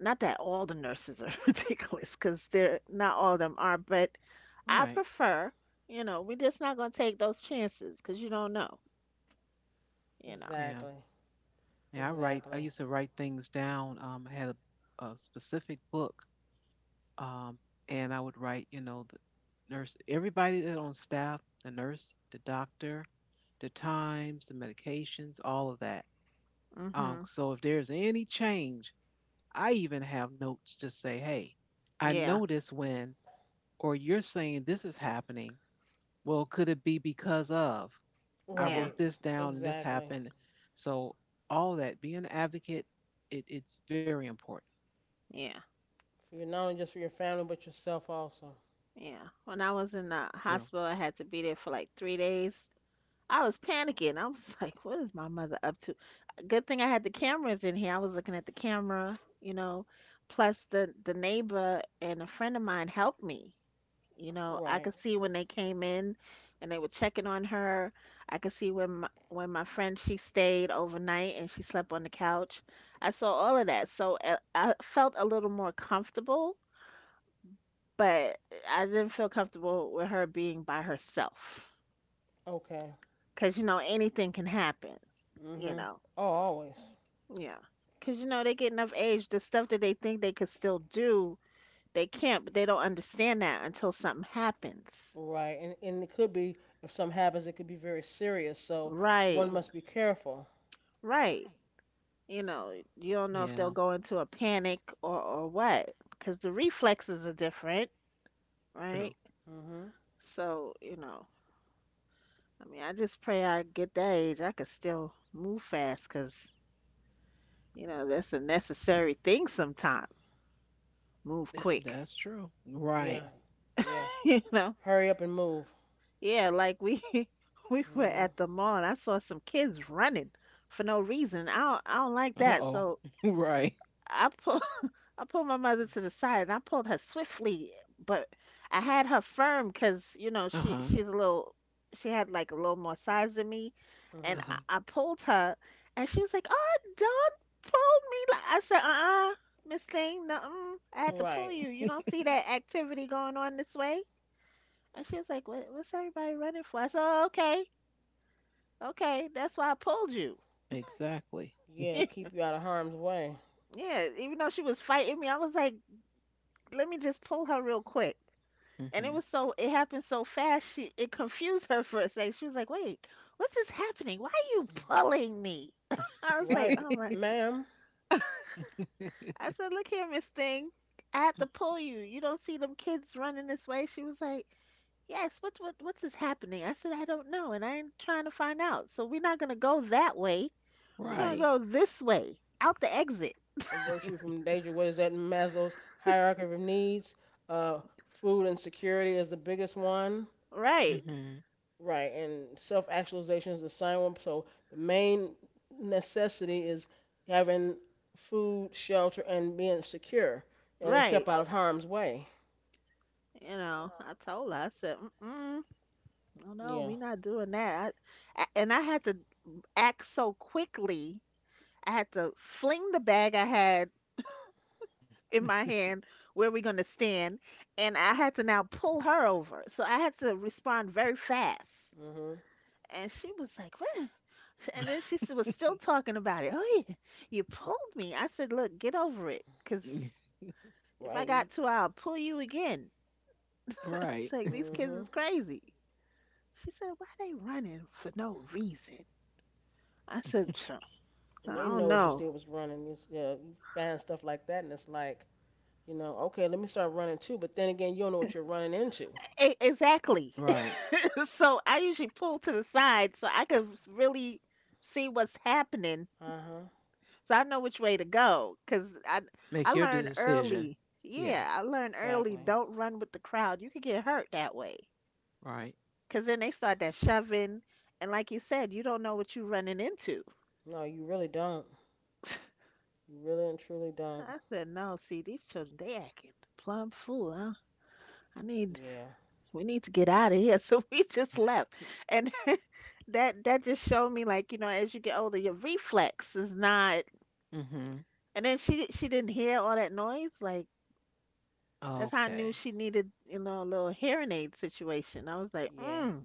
B: not that all the nurses are <laughs> ridiculous, 'cause they're not all of them are, but
C: All
B: I
C: right.
B: prefer, you know, we're just not gonna take those chances because you don't know, you know.
C: Yeah.
A: Exactly,
C: Yeah, I write. I
A: exactly.
C: used to write things down. I had a specific book, um, and I would write, you know, the nurse, everybody that on staff, the nurse, the doctor, the times, the medications, all of that.
B: Mhm.
C: So if there's any change, I even have notes to say, hey, I
B: Yeah.
C: notice when, or you're saying this is happening. Well, could it be because of? I
B: Yeah.
C: wrote
A: Right,
C: this down and this
A: exactly.
C: happened. So all that being an advocate, it's very important.
B: Yeah.
A: Not only just for your family, but yourself also.
B: Yeah. When I was in the
C: True.
B: hospital, I had to be there for like 3 days. I was panicking. I was <laughs> like, "What is my mother up to?" Good thing I had the cameras in here. I was looking at the camera, you know. Plus, the neighbor and a friend of mine helped me. You know, I
A: Right.
B: could see when they came in and they were checking on her. I could see when my friend she stayed overnight and she slept on the couch. I saw all of that. So I felt a little more comfortable, but I didn't feel comfortable with her being by herself.
A: Okay.
B: 'Cause you know anything can happen, you
A: Mhm.
B: know.
A: Oh, always.
B: Yeah. 'Cause you know they get enough age, the stuff that they think they could still do, they can't, but they don't understand that until something happens.
A: Right, and it could be if something happens, it could be very serious. So
B: Right.
A: one must be careful.
B: Right. You know, you don't know if they'll
C: Yeah.
B: go into a panic or what, because the reflexes are different,
C: True.
B: right?
A: Mhm.
B: So, you know, I mean, I just pray I get that age. I could still move fast, because you know that's a necessary thing sometimes. Move
C: Yeah,
B: quick,
C: that's true. Right.
A: Yeah. Yeah.
B: <laughs> you know.
A: Hurry up and move.
B: Yeah, like we <laughs> we were
A: Mhm.
B: at the mall. And I saw some kids running for no reason. I don't like
C: Uh
B: that.
C: oh.
B: So
C: <laughs> Right.
B: I pulled <laughs> I pulled my mother to the side and I pulled her swiftly, but I had her firm because, you know,
C: Uh
B: she
C: huh.
B: she's a little she had like a little more size than me and
C: Uh
A: Mhm.
C: huh.
B: I pulled her and she was like, "Oh, don't pull me." Like I said, "Uh-uh, Miss Thing, no, I had to pull
A: Right.
B: you. You
C: <laughs>
B: don't see that activity going on this way?" And she was like, what, "What's everybody running for?" I said, "Oh, okay. Okay, that's why I pulled you."
C: Exactly.
A: Yeah,
B: <laughs>
A: keep you out of harm's way.
B: Yeah, even though she was fighting me, I was like, "Let me just pull her real quick." And
C: Hmm.
B: it happened so fast, she it confused her for a second. She was like, "Wait, what's this happening? Why are you pulling me?" <laughs> I was like,
A: Right,
B: "Oh my."
C: <laughs>
A: ma'am.
B: I said, "Look here, Miss Thing, I had to pull you. You don't see them kids running this way?" She was like, "Yes, what's this happening?" I said, "I don't know, and I ain't trying to find out, so we're not going to go that way. We're going
A: Mm-hmm.
B: to
C: Right.
B: go this way out the exit."
A: A virtue from danger. What is that in Maslow's hierarchy of needs? Uh, Food and security is the biggest one.
B: Right,
C: Hmm.
A: Right, and self-actualization is the second one. So the main necessity is having food, shelter, and being secure and
B: right.
A: kept out of harm's way.
B: You know, I told her, I said, Mm-mm. Oh no,
A: Yeah.
B: we not doing that. And I had to act so quickly. I had to fling the bag I had in my
C: <laughs>
B: hand where we're going to stand, and I had to now pull her over. So I had to respond very fast.
A: Mm-hmm.
B: And she was like, "What?" And then was still talking about it. "Oh, yeah, you pulled me." I said, "Look, get over it. Cause if I
A: Right.
B: got to, I'll pull you again." <laughs> It's
C: Right.
B: like these kids
A: Mm-hmm.
B: is crazy. She said, "Why they running for no reason?" I said,
A: And
B: I
A: they
B: don't
A: noticed it
B: know.
A: still was running. You find stuff like that, and it's like, you know, okay, let me start running too. But then again, you don't know what you're running into.
B: Exactly.
C: Right.
B: <laughs> So I usually pull to the side so I can really see what's happening.
A: Uh huh.
B: So I know which way to go. Cause I
C: Make your
B: learned
C: decision.
B: early.
C: Yeah.
B: Yeah, I learned early.
A: Exactly.
B: Don't run with the crowd. You could get hurt that way.
C: Right.
B: Cause then they start that shoving, and like you said, you don't know what you're running into.
A: No, you really don't. You really and truly don't.
B: I said, no. See, these children, they acting plumb fool, huh? I need,
A: Yeah.
B: we need to get out of here. <laughs> So we just left, and that just showed me, like, you know, as you get older your reflex is not.
C: Hmm.
B: And then she didn't hear all that noise, like, that's how I knew
C: Okay.
B: she needed, you know, a little hearing aid situation. I was like,
A: Yeah.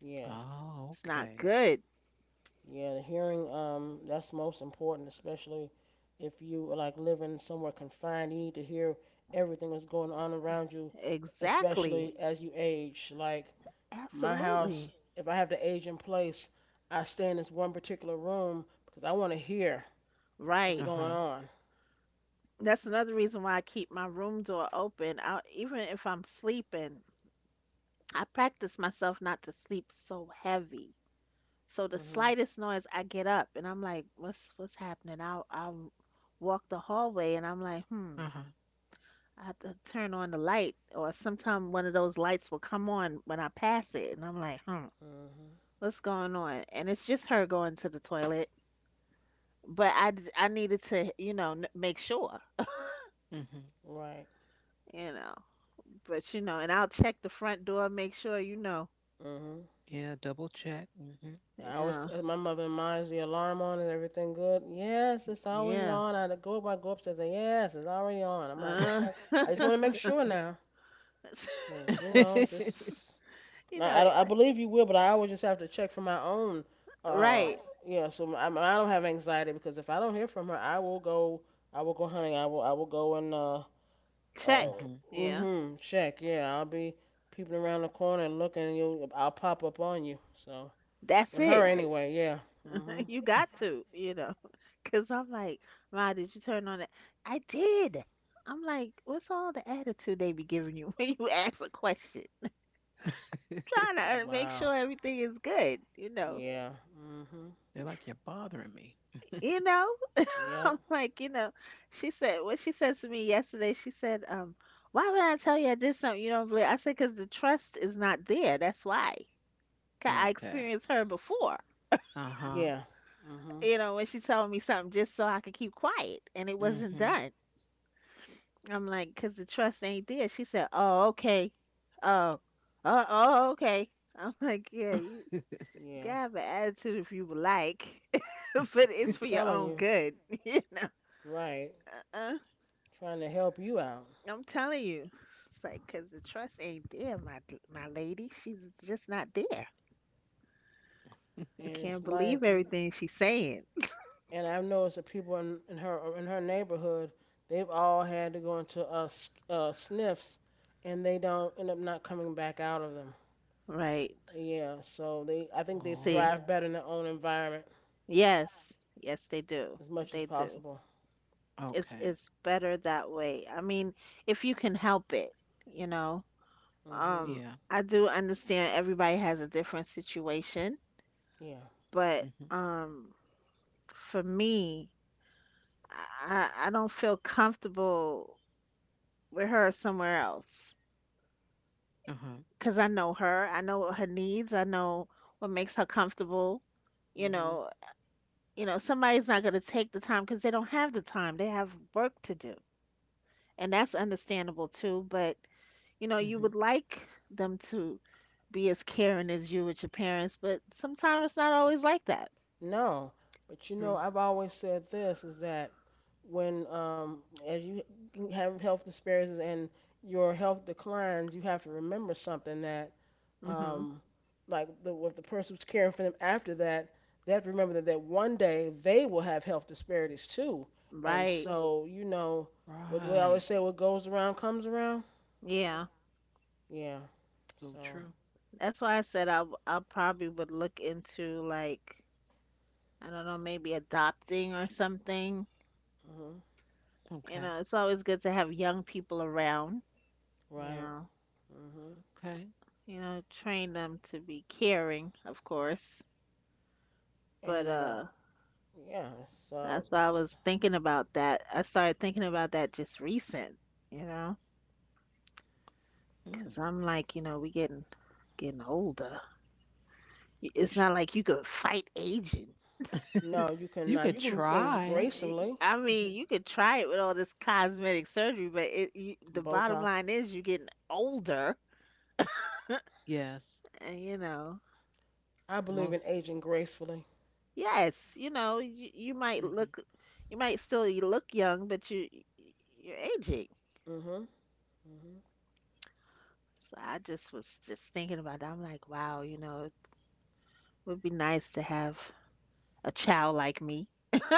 A: Yeah.
C: Oh,
B: it's not
C: okay.
B: good.
A: Yeah. The hearing, that's most important, especially if you are like living somewhere confined. You need to hear everything that's going on around you,
B: Exactly.
A: especially as you age. Like my house,
B: Absolutely.
A: if I have the age in place, I stay in this one particular room because I want to hear what's
C: Uh
B: Right.
A: going
C: huh.
A: on.
B: That's another reason why I keep my room door open. Even if I'm sleeping, I practice myself not to sleep so heavy. So the
A: Mhm.
B: slightest noise, I get up and I'm like, what's happening? I'll walk the hallway and I'm like,
C: Uh huh.
B: I have to turn on the light, or sometime one of those lights will come on when I pass it and I'm like, hmm,
A: Mhm.
B: what's going on? And it's just her going to the toilet, but I needed to, you know, make sure,
C: Hmm.
A: Right.
B: you know. But you know, and I'll check the front door, make sure, you know.
A: Mhm.
C: Yeah, double check. Hmm.
A: I always
B: Yeah.
A: My mother reminds the alarm on. Is everything good? Yes, it's always
B: Yeah.
A: on. I go upstairs. And yes, it's already on. I'm like,
B: Uh,
A: okay. I just want to make sure now, cause
B: <laughs>
C: Hmm.
A: <laughs>
C: <laughs>
A: just
B: you know,
A: I don't- I believe you will, but I always just have to check for my own. Uh,
B: right.
A: yeah. So I don't have anxiety because if I don't hear from her, I will go. I will go hunting. I will. I will go and uh.
B: Check. Yeah.
A: Mhm. Check. Yeah. I'll be peeping around the corner and looking. And you'll. I'll pop up on you. So.
B: That's
A: With her
B: it.
A: anyway, yeah. Mhm.
B: <laughs> You got to, <laughs> because I'm like, Ma, did you turn on it? I did. I'm like, what's all the attitude they be giving you <laughs> when you ask a question? Trying to make
A: Wow.
B: sure everything is good,
A: Yeah. Mhm.
C: They're like, you're bothering me.
B: You know, <laughs>
A: Yep.
B: I'm like, she said what she said to me yesterday. She said, why would I tell you I did something you don't believe? I said, because the trust is not there. That's why. 'Cause I
C: Okay.
B: experienced her before,
C: Uh huh.
A: Yeah. Mhm.
B: you know, when she told me something just so I could keep quiet and it wasn't
C: Hmm.
B: done. I'm like, because the trust ain't there. She said, oh, okay. Oh, oh, oh, okay. I'm like, yeah,
C: <laughs>
B: you can
A: Yeah.
B: have an attitude if you would like, <laughs> but it's
A: I'm
B: for your
A: telling
B: own
A: you,
B: good. <laughs> You know,
A: right?
B: uh-uh.
A: Trying to help you out,
B: I'm telling you. It's like, because the trust ain't there, my lady. She's just not there.
A: and
B: Can't
A: it's
B: believe
A: like you.
B: everything she's saying.
A: And I've noticed that people in her neighborhood, they've all had to go into sniffs, and they don't end up not coming back out of them.
B: Right.
A: Yeah. So I think they
C: Oh,
B: See,
A: thrive better in their own environment
B: yes, yes, they do.
A: as much as
B: They do.
A: possible.
B: It's
C: okay.
B: it's better that way. I mean, if you can help it, you know.
A: Mhm.
B: Um,
C: Yeah.
B: I do understand everybody has a different situation,
A: Yeah.
B: but
C: Hmm.
B: for me, I don't feel comfortable with her somewhere else
C: Uh huh.
B: because I know her. I know her needs. I know what makes her comfortable. You
A: Mhm.
B: know, you know, somebody's not going to take the time because they don't have the time. They have work to do, and that's understandable too. But you know, you
C: Hmm.
B: would like them to be as caring as you with your parents, but sometimes it's not always like that.
A: No, but
C: True.
A: I've always said this is that when as you have health disparities and your health declines, you have to remember something that
B: Mhm.
A: um, like with the person who's caring for them after that, they have to remember that, one day they will have health disparities too. And
B: Right.
A: so, what we
C: Right.
A: always say, what goes around comes around.
B: Yeah.
A: Yeah.
C: So
A: So,
C: true.
B: That's why I said I probably would look into, like, I don't know, maybe adopting or something.
A: mhm.
B: You
C: Okay.
B: know, it's always good to have young people around, you
A: Right.
B: know.
A: Mhm.
C: Okay.
B: You know, train them to be caring, of course. But
A: And yeah, so
B: that's why
A: it's,
B: I
A: just,
B: was thinking about that. I started thinking about that just recent, you know,
C: Mm.
B: 'cause I'm like, you know, we getting older.
A: we
B: It's not like you could fight aging.
A: no,
C: <laughs>
A: you
C: You
A: cannot.
C: could
A: You can age
C: try.
A: gracefully.
B: I
C: <laughs>
B: mean, you could try it with all this cosmetic surgery, but the bottom
A: Botox.
B: line is you're getting older,
C: Yes.
B: and you know,
A: I believe in
C: Most.
A: aging gracefully.
B: yes, you know, you might
C: Hmm.
B: look, you might still you look young, but you're aging.
A: Mhm. Mhm.
B: So I just was just thinking about that. I'm like, wow, you know, it would be nice to have a child like me, <laughs>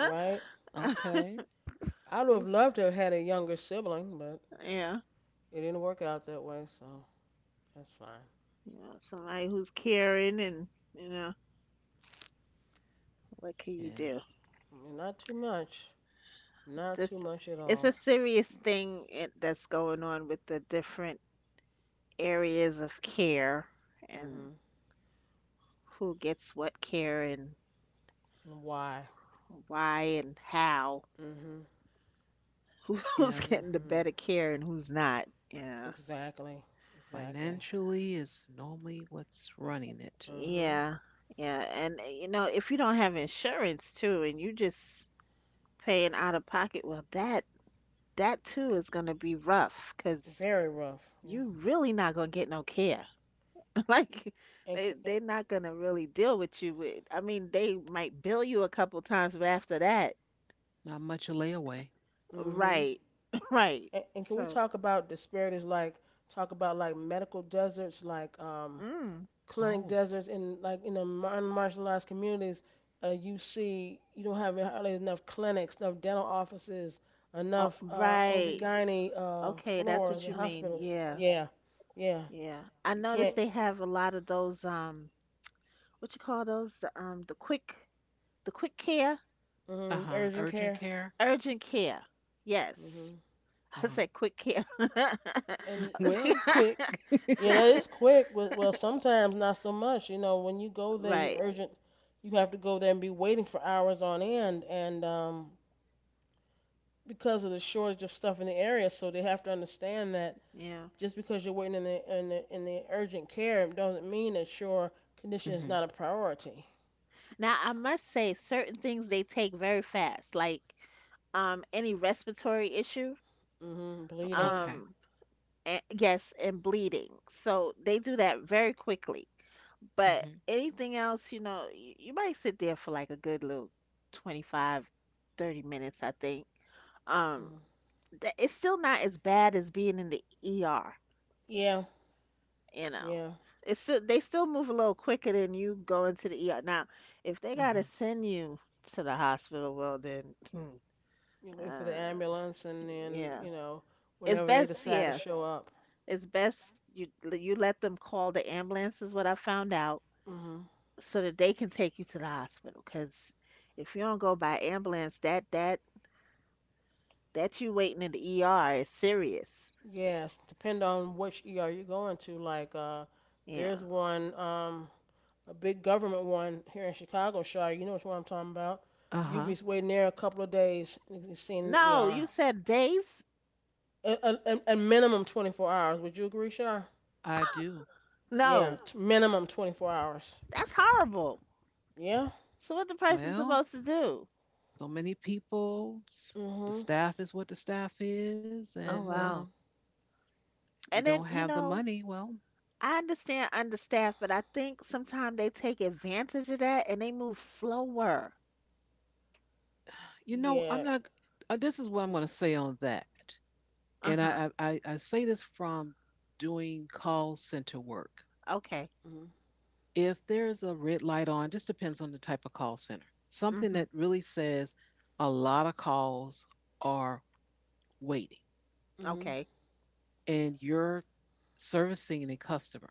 A: Right.
C: Okay.
A: I would have
B: who's
A: loved to have had a younger sibling, but
B: yeah,
A: it didn't work out that way, so that's fine.
B: you know, somebody who's caring and, you know, what can you
C: Yeah.
B: do?
A: I mean, not too much. Not too
B: This
A: much at
B: It's a
A: all.
B: serious thing, that's going on with the different areas of care, and
A: Mhm.
B: who gets what care, and
A: And why?
B: why and how,
A: Mhm.
B: <laughs>
C: Yeah.
B: who's getting the
A: Mhm.
B: better care and who's not. Yeah.
A: Exactly. Exactly.
C: Financially is normally what's running it.
A: Mhm.
B: Yeah, yeah, and you know, if you don't have insurance too, and you just paying out of pocket, well, that too is gonna be rough because
A: Very rough. Yeah.
B: you really not gonna get no care. <laughs> Like
A: And can,
B: they're not gonna really deal with you with. I mean, they might bill you a couple times, but after that,
C: Not much a layaway.
A: mhm.
B: right, <coughs> <laughs> right.
A: And, can we
B: So,
A: talk about disparities like talk about like medical deserts like
B: mm,
A: clinic
C: Oh,
A: deserts in like in the modern martial communities, you see you don't have hardly enough clinics, enough dental offices,
B: oh,
A: enough
B: right.
A: OB/GYN
B: Okay, that's
A: floors
B: what
A: and
B: you mean.
A: hospitals.
B: Yeah,
A: Yeah, yeah,
B: yeah. I
A: you
B: noticed
A: can't.
B: they have a lot of those what you call those? The quick care,
C: uh huh.
A: Urgent
C: Urgent
A: care.
C: care.
B: urgent care. Yes,
A: Hmm.
C: Uh
B: <laughs>
C: huh.
B: I said quick care. <laughs> <laughs>
C: <laughs>
A: And
C: Well, it's quick.
A: yeah,
C: <laughs>
A: that is quick. Well, sometimes not so much. You know, when you go there, you
B: Right.
A: urgent. You have to go there and be waiting for hours on end, and because of the shortage of stuff in the area, so they have to understand that
B: Yeah.
A: just because you're waiting in the urgent care doesn't mean that your condition
C: Hmm.
A: is not a priority.
B: Now, I must say certain things they take very fast, like any respiratory issue,
A: Mm hmm. Bleeding.
C: Okay.
B: um and, yes, and bleeding. So they do that very quickly. But
C: Hmm.
B: anything else, you know, you might sit there for like a good little 25, 30 minutes, I think.
A: Mm
B: Um
A: hmm.
B: it's still not as bad as being in the ER,
A: Yeah,
B: you know.
A: yeah.
B: It's still, they still move a little quicker than you going to the ER. Now, if they
C: Uh
B: gotta
C: huh.
B: send you to the hospital, well then,
A: You
B: <laughs>
A: wait for the
B: and
A: ambulance, and then
B: yeah, it's
A: whenever they
B: best.
A: decide to
B: Yeah,
A: show up.
B: it's best you let them call the ambulance is what I found out,
A: Mm hmm.
B: so that they can take you to the hospital. Because if you don't go by ambulance, that you waiting in the ER is serious.
A: Yes, depend on which ER you're going to. Like,
B: Yeah.
A: there's one, a big government one here in Chicago, Shire. You know which one I'm talking about.
C: Uh
A: You'll be
C: huh.
A: waiting there a couple of days and seen in the
B: No, you
A: ER.
B: said days.
A: A, a minimum 24 hours. Would you agree, Shire?
C: I do.
A: Yeah,
B: No,
A: minimum 24 hours.
B: that's horrible.
A: Yeah.
B: So what the person
C: Well,
B: supposed to do?
C: so many people. The
A: Mhm.
C: staff is what the staff is,
B: Oh
C: and
A: Mhm.
B: wow.
C: if you
B: And
C: don't
B: then you
C: have the
B: know.
C: money, well,
B: I understand understaffed, but I think sometimes they take advantage of that and they move slower.
C: you know, I'm
A: Yeah.
C: not. This is what I'm going to say on that, and
B: Uh-huh.
C: I say this from doing call center work.
B: Okay.
A: Mhm.
C: If there's a red light on, just depends on the type of call center. Something
B: Mhm.
C: that really says a lot of calls are waiting,
A: Mhm.
B: Okay.
C: and you're servicing a customer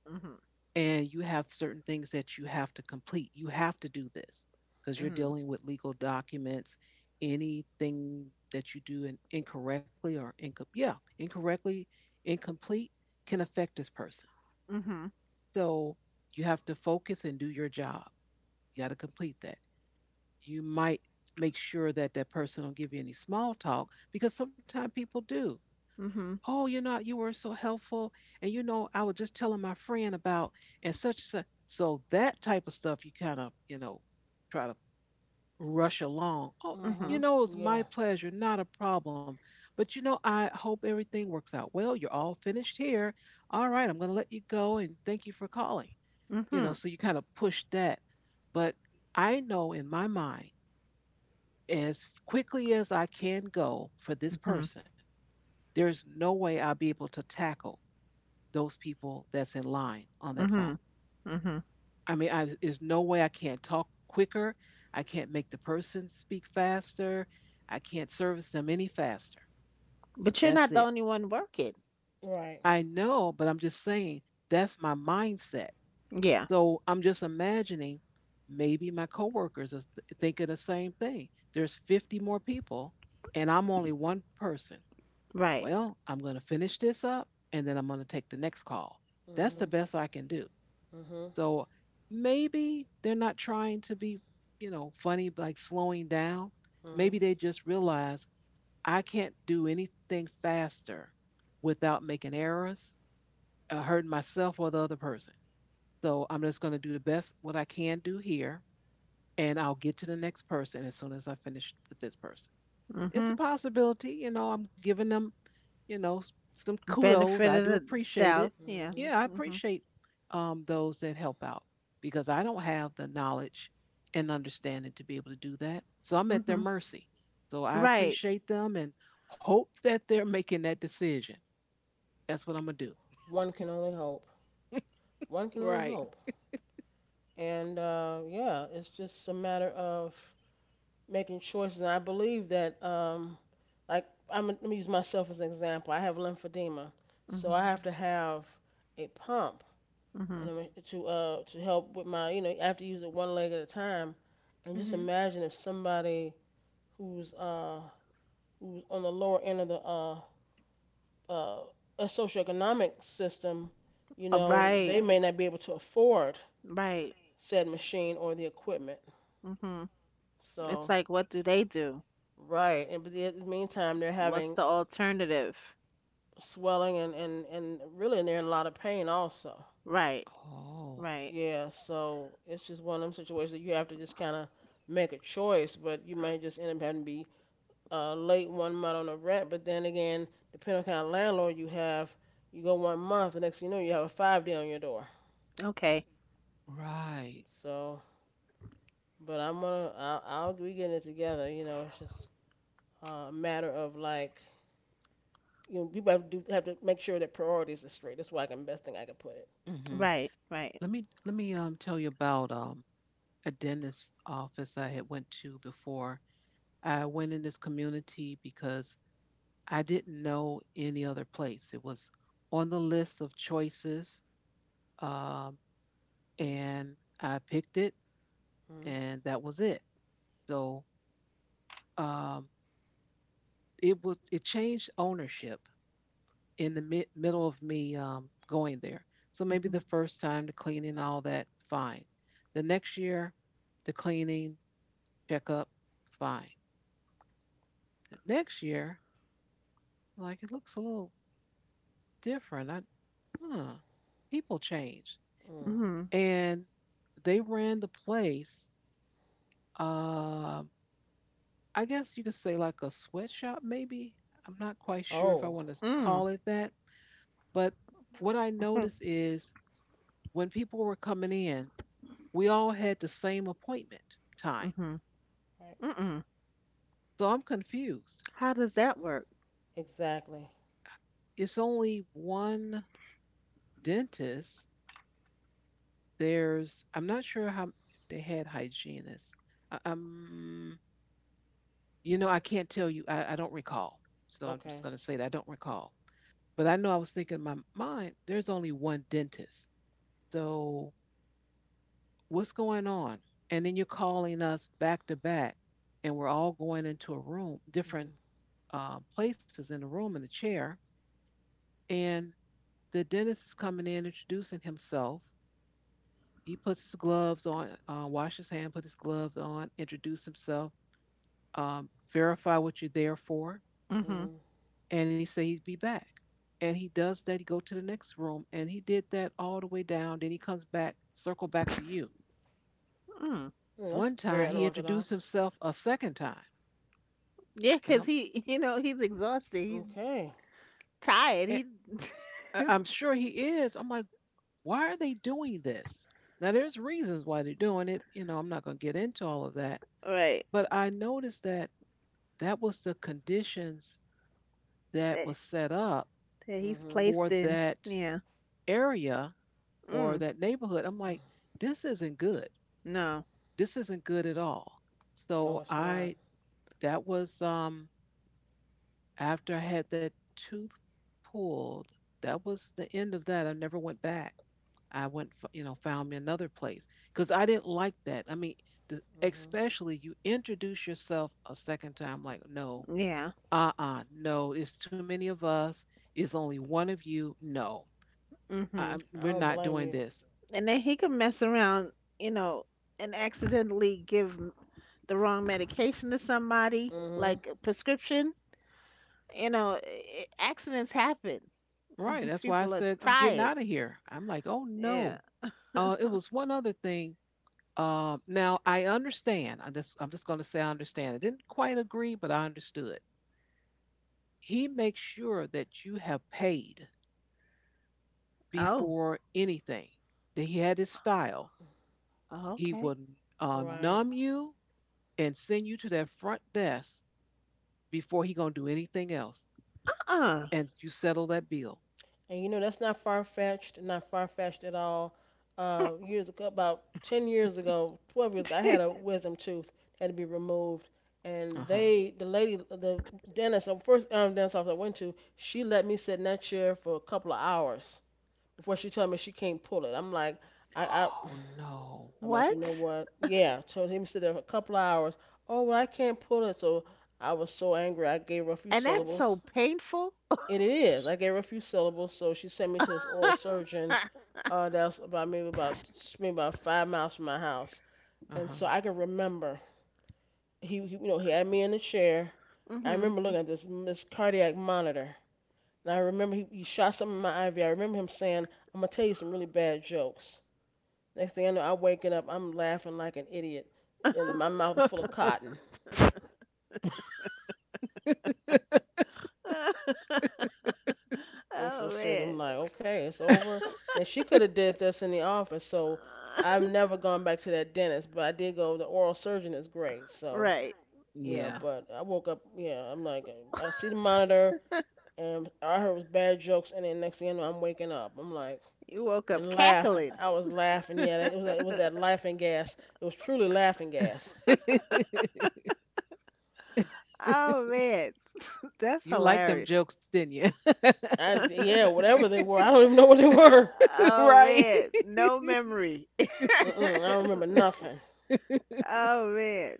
B: Mhm.
C: and you have certain things that you have to complete. You have to do this because you're
B: Mhm.
C: dealing with legal documents. Anything that you do incorrectly or incorrectly, incomplete, can affect this person.
B: Mhm.
C: So you have to focus and do your job. You got to complete that. You might make sure that that person don't give you any small talk because sometimes people do.
B: Mhm.
C: Oh, you know, you were so helpful, and you know, I was just telling my friend about, and such and such. So that type of stuff you kind of you know try to rush along. Oh, you
B: Mhm.
A: Mhm.
C: know, it was my
A: Yeah.
C: pleasure, not a problem. But you know, I hope everything works out well. You're all finished here. All right, I'm going to let you go, and thank you for calling. You know,
B: Mhm.
C: so you kind of push that. But I know in my mind as quickly as I can go for this
B: Mhm.
C: person, there's no way I'll be able to tackle those people that's in line on that phone.
B: Mhm. Mhm.
C: I mean, there's no way I can't talk quicker. I can't make the person speak faster. I can't service them any faster.
B: But you're
C: That's
B: not
C: it.
B: the only one working.
A: Right.
C: I know, but I'm just saying that's my mindset.
B: Yeah.
C: So I'm just imagining maybe my coworkers are thinking the same thing. There's 50 more people, and I'm only one person.
B: Right.
C: Well, I'm going to finish this up and then I'm going to take the next call. That's the
A: Mhm.
C: best I can do.
A: Mhm.
C: So maybe they're not trying to be, you know, funny, like slowing down. Maybe
A: Mhm.
C: they just realize I can't do anything faster without making errors, hurting myself or the other person. So I'm just going to do the best what I can do here, and I'll get to the next person as soon as I finish with this person. It's a
B: Mhm.
C: possibility, you know, I'm giving them, you know, some kudos.
B: Benefit
C: I
B: of
C: do
B: the
C: appreciate
B: doubt.
C: it.
B: Yeah.
A: Mhm.
C: Yeah, I
B: Mhm.
C: appreciate those that help out because I don't have the knowledge and understanding to be able to do that. So I'm at their
B: Mhm.
C: mercy. So I
B: Right.
C: appreciate them and hope that they're making that decision. That's what I'm going to do.
A: One can only hope. One can only
C: Right.
A: hope. And yeah, it's just a matter of making choices. And I believe that, like, I'm let me use myself as an example. I have lymphedema, so I
B: Mhm.
A: have to have a pump and
B: Mhm.
A: I'm to help with my you know I have to use it one leg at a time, and just
C: Mm-hmm.
A: imagine if somebody who's uh who's on the lower end of the uh a socioeconomic system, you know
B: Right.
A: they may not be able to afford
B: Right.
A: said machine or the equipment.
B: Mhm. It's
A: So
B: like, what do they do?
A: right, and but in the meantime they're
B: What's
A: having
B: the alternative?
A: swelling and really they're in a lot of pain also.
B: Right.
C: Oh,
B: Right.
A: Yeah, so it's just one of them situations that you have to just kind of make a choice, but you might just end up having to be late one month on the rent, but then again, depending on kind of landlord you have, you go one month, the next thing you know, you have a 5-day on your door.
B: Okay.
C: right.
A: So, but I'm gonna, I'll we getting it together. You know, it's just a matter of like, people have to make sure that priorities are straight. That's why I can best thing I can put it.
C: Hmm.
B: Right. Right.
C: Let me tell you about a dentist office I had went to before. I went in this community because I didn't know any other place. It was on the list of choices, um, and I picked it,
A: Mm.
C: and that was it. So um, it was it changed ownership in the middle of me going there. So maybe the
B: Mhm.
C: first time the cleaning, all that, fine. The next year, the cleaning checkup, fine. The next year, like it looks a little different. I, huh, people change.
A: Mm.
B: Mhm.
C: And they ran the place. Um, I guess you could say like a sweatshop, maybe. I'm not quite sure if I
A: Oh,
C: want to call
B: Mm.
C: it that, but what I noticed
B: <laughs>
C: is when people were coming in, we all had the same appointment time.
B: Mhm.
A: right,
B: Mhm.
C: So I'm confused.
B: How does that work?
A: exactly.
C: It's only one dentist. There's, I'm not sure how if they had hygienists. I- Um, you know, I can't tell you. I don't recall. So I'm just
A: Okay.
C: going to say that I don't recall. But I know I was thinking in my mind, there's only one dentist. So what's going on? And then you're calling us back to back, and we're all going into a room, different
A: Mm-hmm.
C: places in the room in a chair. And the dentist is coming in, introducing himself. He puts his gloves on, wash his hand, put his gloves on, introduce himself, verify what you're there for,
B: Hmm.
A: Mm-hmm.
C: and he said he'd be back. And he does that. He go to the next room, and he did that all the way down. Then he comes back, circle back to you.
B: Mm.
A: That's
C: One
A: very
C: time he introduced
A: unorthodox.
C: himself a second time,
B: Yeah,
C: and
B: cause
C: I'm
B: he, <laughs> you know, he's exhausted. He's
A: Okay.
C: eh,
B: tired. He
C: I'm sure he is. I'm like, why are they doing this? Now there's reasons why they're doing it. You know, I'm not going to get into all of that,
B: right.
C: but I noticed that that was the conditions that
B: That,
C: was set up
B: that he's
A: Mm-hmm.
C: for
B: placed in.
C: that
B: Yeah.
C: area or
B: Mm.
C: that neighborhood. I'm like, this isn't good.
B: No.
C: This isn't good at all.
A: No,
C: So
A: it's not.
C: I, that was after I had that tooth pulled, that was the end of that. I never went back. You know, found me another place because I didn't like that. I mean, the,
A: Mm-hmm.
C: especially you introduce yourself a second time, like, no,
B: Yeah.
C: uh-uh, no, it's too many of us. It's only one of you. No,
B: Mhm.
A: I
C: we're
A: don't
C: not
A: blame
C: doing
A: you.
C: this.
B: And then he can mess around, you know, and accidentally the wrong medication to somebody,
A: Mhm.
B: like a prescription. You know, accidents happen.
C: Right.
B: <laughs>
C: That's why I
B: People are
C: said I'm getting
B: tired.
C: out of here. I'm like, oh
B: Yeah.
C: no. It was one other thing. Now I understand. I'm just going to say I understand. I didn't quite agree, but I understood. He makes sure that you have paid
B: Oh.
C: before anything. That he had his style.
B: Oh,
C: He
B: okay.
C: will
A: Right.
C: numb you and send you to that front desk before he gonna do anything else,
B: Uh.
C: and you settle that bill.
A: And you know that's not far fetched, not far fetched at all. Years ago, about 10 years ago, 12 years ago, I had a
B: <laughs>
A: wisdom tooth that had to be removed,
C: Uh
A: and
C: huh.
A: they, the lady, the dentist, the first dentist office I went to, she let me sit in that chair for a couple of hours before she told me she can't pull it. I, I
C: Oh no.
A: I'm like, you know
B: What?
A: what? Yeah. So let me sit there for a couple of hours. Oh, well, I can't pull it. So I was so angry. I gave her a few
B: And that's
A: syllables.
B: so painful.
A: It is. I gave her a few syllables, so she sent me to this oral surgeon.
B: <laughs>
A: That's about maybe about maybe about 5 miles from my house,
C: Uh
A: and
C: huh.
A: so I can remember. You know, he had me in the chair. I
B: Mhm.
A: remember looking at this cardiac monitor, and I remember he shot something in my IV. I remember him saying, "I'm gonna tell you some really bad jokes." Next thing I know, I'm waking up, I'm laughing like an idiot, and my
B: <laughs>
A: mouth is full of cotton. I'm so
B: Oh
A: serious.
B: man.
A: I'm like, okay, it's over. And she could have did this in the office, so
B: Uh,
A: I've never gone back to that dentist. But I did go. The oral surgeon is great, so
B: right.
A: yeah.
C: Yeah.
A: But I woke up, yeah. I'm like, I see the monitor, and I heard it was bad jokes, and then next thing you know, I'm waking up. I'm like,
B: You woke up
A: and laughing.
B: cackling.
A: I was laughing. Yeah, it was it was that laughing gas. It was truly laughing gas.
B: Oh man.
C: <laughs>
B: That's
C: You liked them
B: hilarious.
C: jokes, didn't you?
A: I yeah, whatever they were, I don't even know what they were.
C: <laughs>
B: Oh
C: Right.
B: man. No memory. <laughs>
A: Mm-mm, I don't remember nothing.
C: <laughs>
B: Oh man.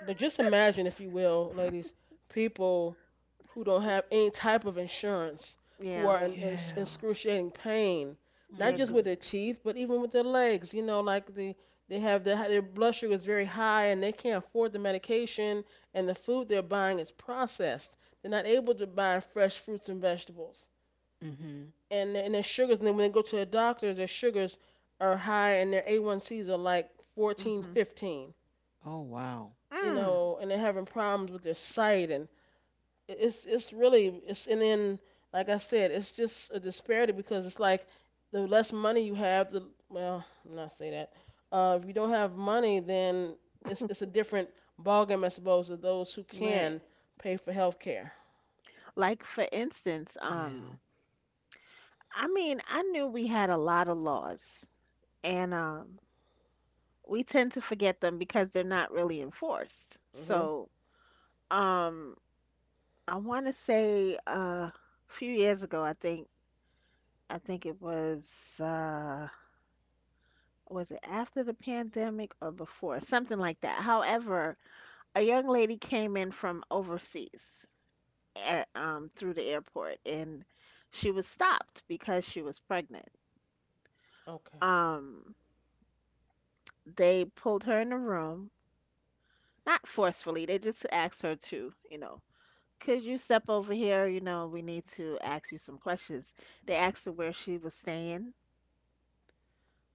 A: But just imagine, if you will, ladies, people who don't have any type of insurance, who
B: Yeah.
A: are in
C: Yeah.
A: in excruciating pain, not
B: Yeah.
A: just
C: Mm.
A: with their teeth, but even with their legs. You know, like the they have their blood sugar is very high, and they can't afford the medication, and the food they're buying is processed. They're not able to buy fresh fruits and vegetables,
C: Mm-hmm.
A: and their sugars. And then when they go to the doctors, their sugars are high, and their A1Cs are like
B: Mm.
A: 14,
B: Mhm.
A: 15
C: Oh, wow.
A: you
B: Mm.
A: know, and they're having problems with their sight, and it's really it's and then like I said, it's just a disparity because it's like the less money you have, the well, I'm not say that. If you don't have money, then it's a different ballgame, I suppose, of those who
B: Right.
A: can pay for health care.
B: Like for instance,
C: Yeah.
B: I mean, I knew we had a lot of laws and we tend to forget them because they're not really enforced.
A: Mhm.
B: So, um I want to say a few years ago, I think it was it after the pandemic or before, something like that. However, a young lady came in from overseas at, through the airport, and she was stopped because she was pregnant.
A: Okay.
B: Um, they pulled her in a room, not forcefully. They just asked her to, you know, could you step over here? You know, we need to ask you some questions. They asked her where she was staying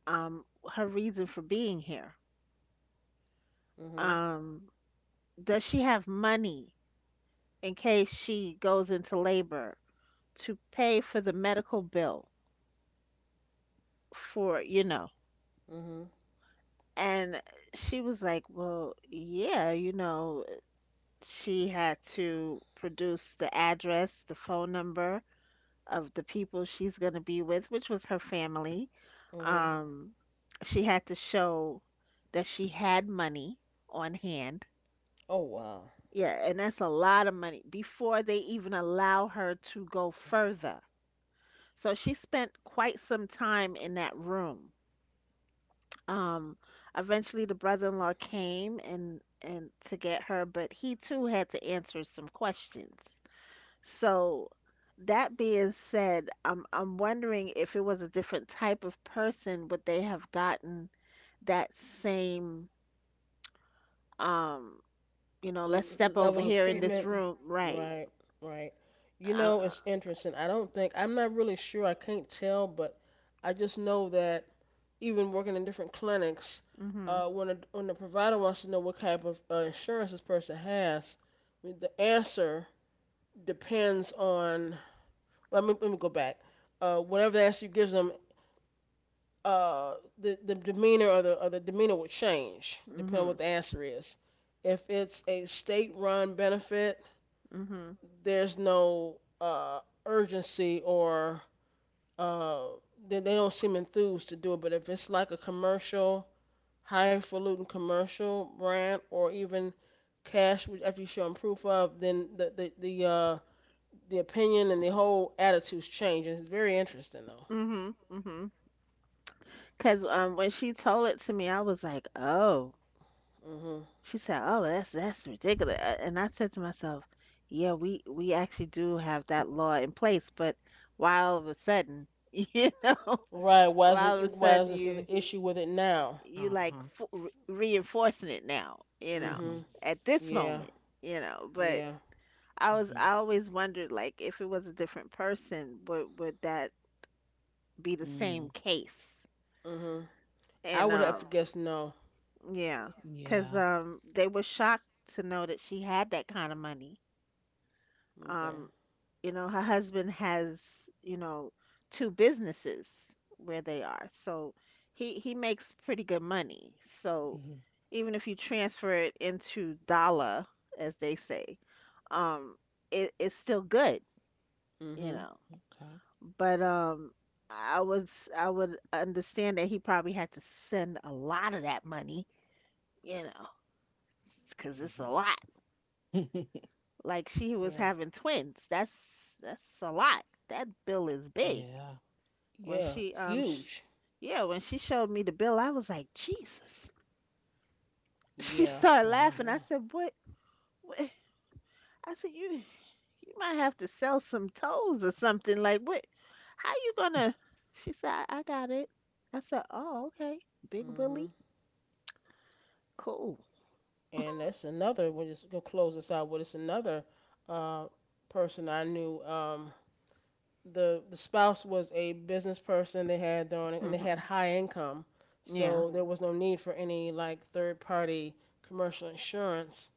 B: um, her reason for being here.
A: Mhm.
B: Um, does she have money in case she goes into labor to pay for the medical bill for, you know?
A: Mhm.
B: And she was like, well, yeah, you know, she had to produce the address, the phone number of the people she's going to be with, which was her family.
A: Mhm.
B: Um, she had to show that she had money on hand.
A: Oh wow.
B: Yeah, and that's a lot of money before they even allow her to go further. So she spent quite some time in that room. Um, eventually the brother-in-law came and to get her, but he too had to answer some questions. So that being said, I'm wondering if it was a different type of person, would they have gotten that same um, you know, let's step over
A: Level of
B: here in this
A: treatment.
B: room, right?
A: Right, right. You
B: Uh, uh,
A: know, it's interesting. I don't think, I'm not really sure, I can't tell, but I just know that even working in different clinics,
B: mhm.
A: when the provider wants to know what type of insurance this person has, I mean, the answer depends on, let me go back. Whatever the answer you gives them, the demeanor or the demeanor will change depending on what
B: Mhm.
A: the answer is. If it's a state run benefit,
B: Mhm.
A: there's no urgency or uh, they don't seem enthused to do it. But if it's like a commercial, highfalutin commercial brand, or even cash, which after you show them proof of, then the opinion and the whole attitudes change. And it's very interesting though.
B: Mhm. Mhm. Cause when she told it to me, I was like, "Oh."
A: Hmm.
B: She said, "Oh, that's ridiculous." And I said to myself, "Yeah, we actually do have that law in place, but why all of a sudden, <laughs> you know,
A: Right?
B: why all of a
A: Why
B: sudden
A: is this is an
B: you
A: issue with it now?
B: you like
C: Uh-huh.
B: f re reinforcing it now, you
A: Mm
B: know,
C: Mm-hmm.
A: hmm
B: at this
A: Yeah.
B: moment, you know." But
A: Yeah.
C: Mm-hmm.
B: I always wondered like if it was a different person, would that be the
C: Mm.
B: same case?
A: mm hmm I
B: And
A: would have guessed no.
B: yeah, because
C: Yeah.
B: they were shocked to know that she had that kind of money.
A: Okay.
B: Um, you know, her husband has, you know, two businesses where they are. So he makes pretty good money. So
C: Mhm.
B: even if you transfer it into dollar, as they say, um, it's still good,
A: mm
B: you
A: hmm
B: know.
C: Okay.
B: But I would understand that he probably had to send a lot of that money, you know, because it's a lot.
C: Mm-hmm. <laughs>
B: Like she was
A: Yeah.
B: having twins. That's a lot. That bill is big.
C: Yeah.
B: When
A: Yeah.
B: she
A: Huge.
B: yeah, when she showed me the bill, I was like, "Jesus." <laughs> She
A: Yeah,
B: started
C: Wow.
B: laughing. I
A: yeah.
B: said, "What? What? I said, You might have to sell some toes or something. Like what? How you gonna?" She said, I got it." I said, "Oh, okay. Big Willie.
A: Hmm.
B: Cool."
A: And that's another. We're just gonna close this out. But it's another uh, person I knew. The the spouse was a business person. They had their own, and they had
B: Mhm.
A: high income,
B: Yeah.
A: so there was no need for any like third party commercial insurance.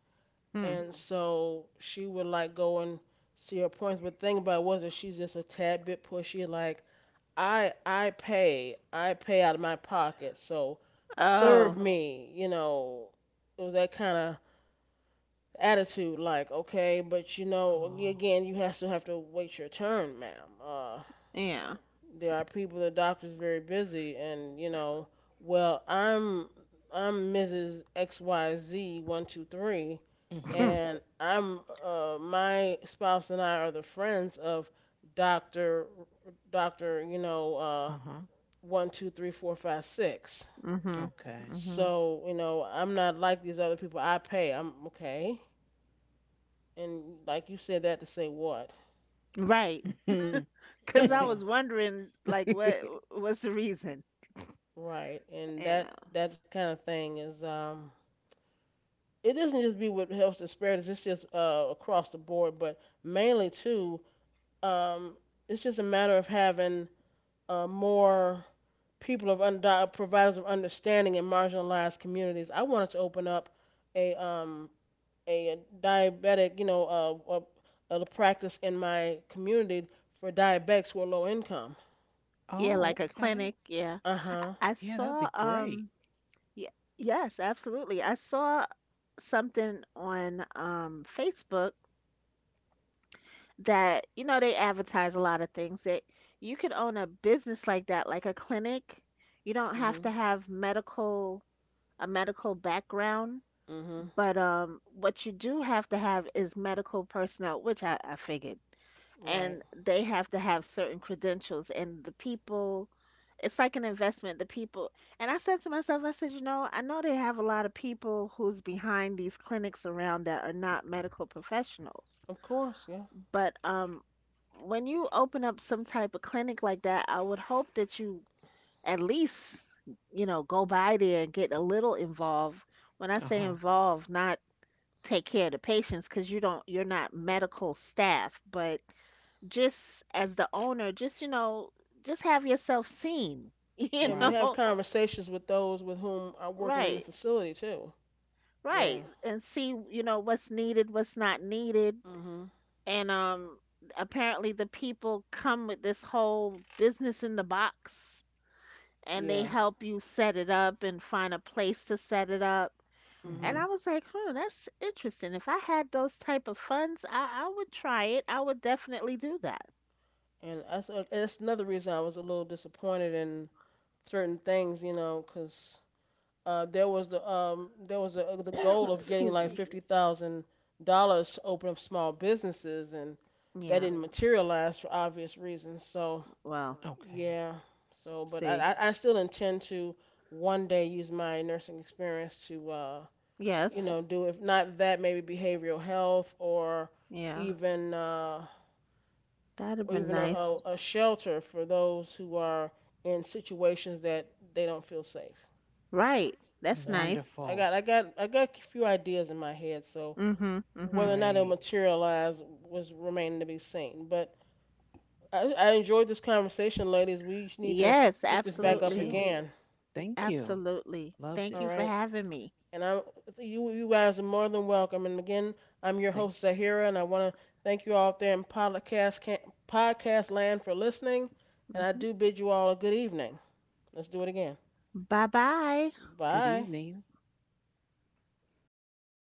B: Hmm.
A: And so she would like go and see her points. But the thing about it was that she's just a tad bit pushy. Like I pay out of my pocket, so serve
B: Oh,
A: uh-huh me, you know. It was that kind of attitude, like okay, but you know, ag-
C: Oh.
A: again, you have to wait your turn, ma'am.
B: yeah.
A: There are people, the doctor's very busy, and you know, well, I'm I'm Mrs. X Y Z 1 2 3,
B: <laughs>
C: Mm-hmm.
B: Hmm.
A: and I'm my spouse and I are the friends of Doctor Doctor, you know,
C: Uh-huh.
A: 1, 2, 3, 4, 5, 6.
B: Mhm.
C: Okay.
B: Mhm.
A: So, you know, I'm not like these other people. I pay. I'm okay. And like you said that to say what,
B: Right.
C: <laughs>
A: you
B: Because I
A: know,
B: was wondering, like, what was the reason,
A: right. And
B: you know?
A: that that kind of thing is it doesn't just be with health disparities, it's just across the board, but mainly too, um, it's just a matter of having more people of under providers of understanding in marginalized communities. I wanted to open up a um a diabetic, you know, a practice in my community for diabetics who are low income.
B: Yeah,
C: Oh,
B: like a
C: okay.
B: clinic. Yeah.
A: Uh huh.
B: I
C: Yeah, that'd be
B: saw,
C: great.
B: y yes, absolutely. I saw something on, Facebook that, you know, they advertise a lot of things that you could own a business like that, like a clinic. You don't have to
A: Mhm.
B: have medical, a medical background,
A: Mhm.
B: but, what you do have to have is medical personnel, which I figured.
A: Right.
B: And they have to have certain credentials and the people, it's like an investment. The people, and I said to myself, I said, you know, I know they have a lot of people who's behind these clinics around that are not medical professionals,
A: Of course. Yeah.
B: but when you open up some type of clinic like that, I would hope that you at least, you know, go by there and get a little involved. When I say
C: Uh-huh.
B: involved, not take care of the patients because you don't, you're not medical staff, but just as the owner, just you know, just have yourself seen, <laughs> you
A: And
C: Right.
A: have
B: know,
A: conversations with those with whom are working in the
B: right,
A: facility too.
B: right,
A: Yeah.
B: and see, you know, what's needed, what's not needed,
A: Mhm.
B: and apparently the people come with this whole business in the box, and they
A: Yeah.
B: help you set it up and find a place to set it up.
C: Mm-hmm.
B: And I
A: Mhm.
B: was like, huh, that's interesting. If I had those type of funds, I would try it. I would definitely do that.
A: And that's another reason I was a little disappointed in certain things, you know, 'cause there was a,
B: <coughs>
A: the goal
B: <clears throat>
A: of getting
B: Excuse
A: like
B: me.
A: $50,000 to open up small businesses, and that
B: Yeah.
A: didn't materialize for obvious reasons. So
B: Well,
C: Okay.
A: yeah, so but I,
B: see.
A: I I still intend to one day use my nursing experience to you
B: Yes.
A: know right do if not that maybe behavioral health or
B: Yeah,
A: even
B: that'd been nice.
A: a shelter for those who are in situations that they don't feel safe.
B: Right. That's
A: So
B: nice.
C: Wonderful.
A: I got a few ideas in my head. So
B: Mm-hmm. Mm-hmm.
A: whether or not it'll
C: Great.
A: materialize was remaining to be seen. But I enjoyed this conversation, ladies. We need to
B: Yes,
A: pick this
C: Me
A: back up
C: too.
B: absolutely.
A: again.
C: Thank you.
B: Absolutely.
C: Loved it.
B: Thank
A: All
B: you for
A: right.
B: having me.
A: And I you guys are more than welcome. And again, I'm your
C: Thank
A: host Zahira, and I want to thank you all out there in podcast land for listening. And I
B: Hmm.
A: do bid you all a good evening. Let's do it again.
B: Bye-bye.
C: you. Good
A: Bye.
C: evening.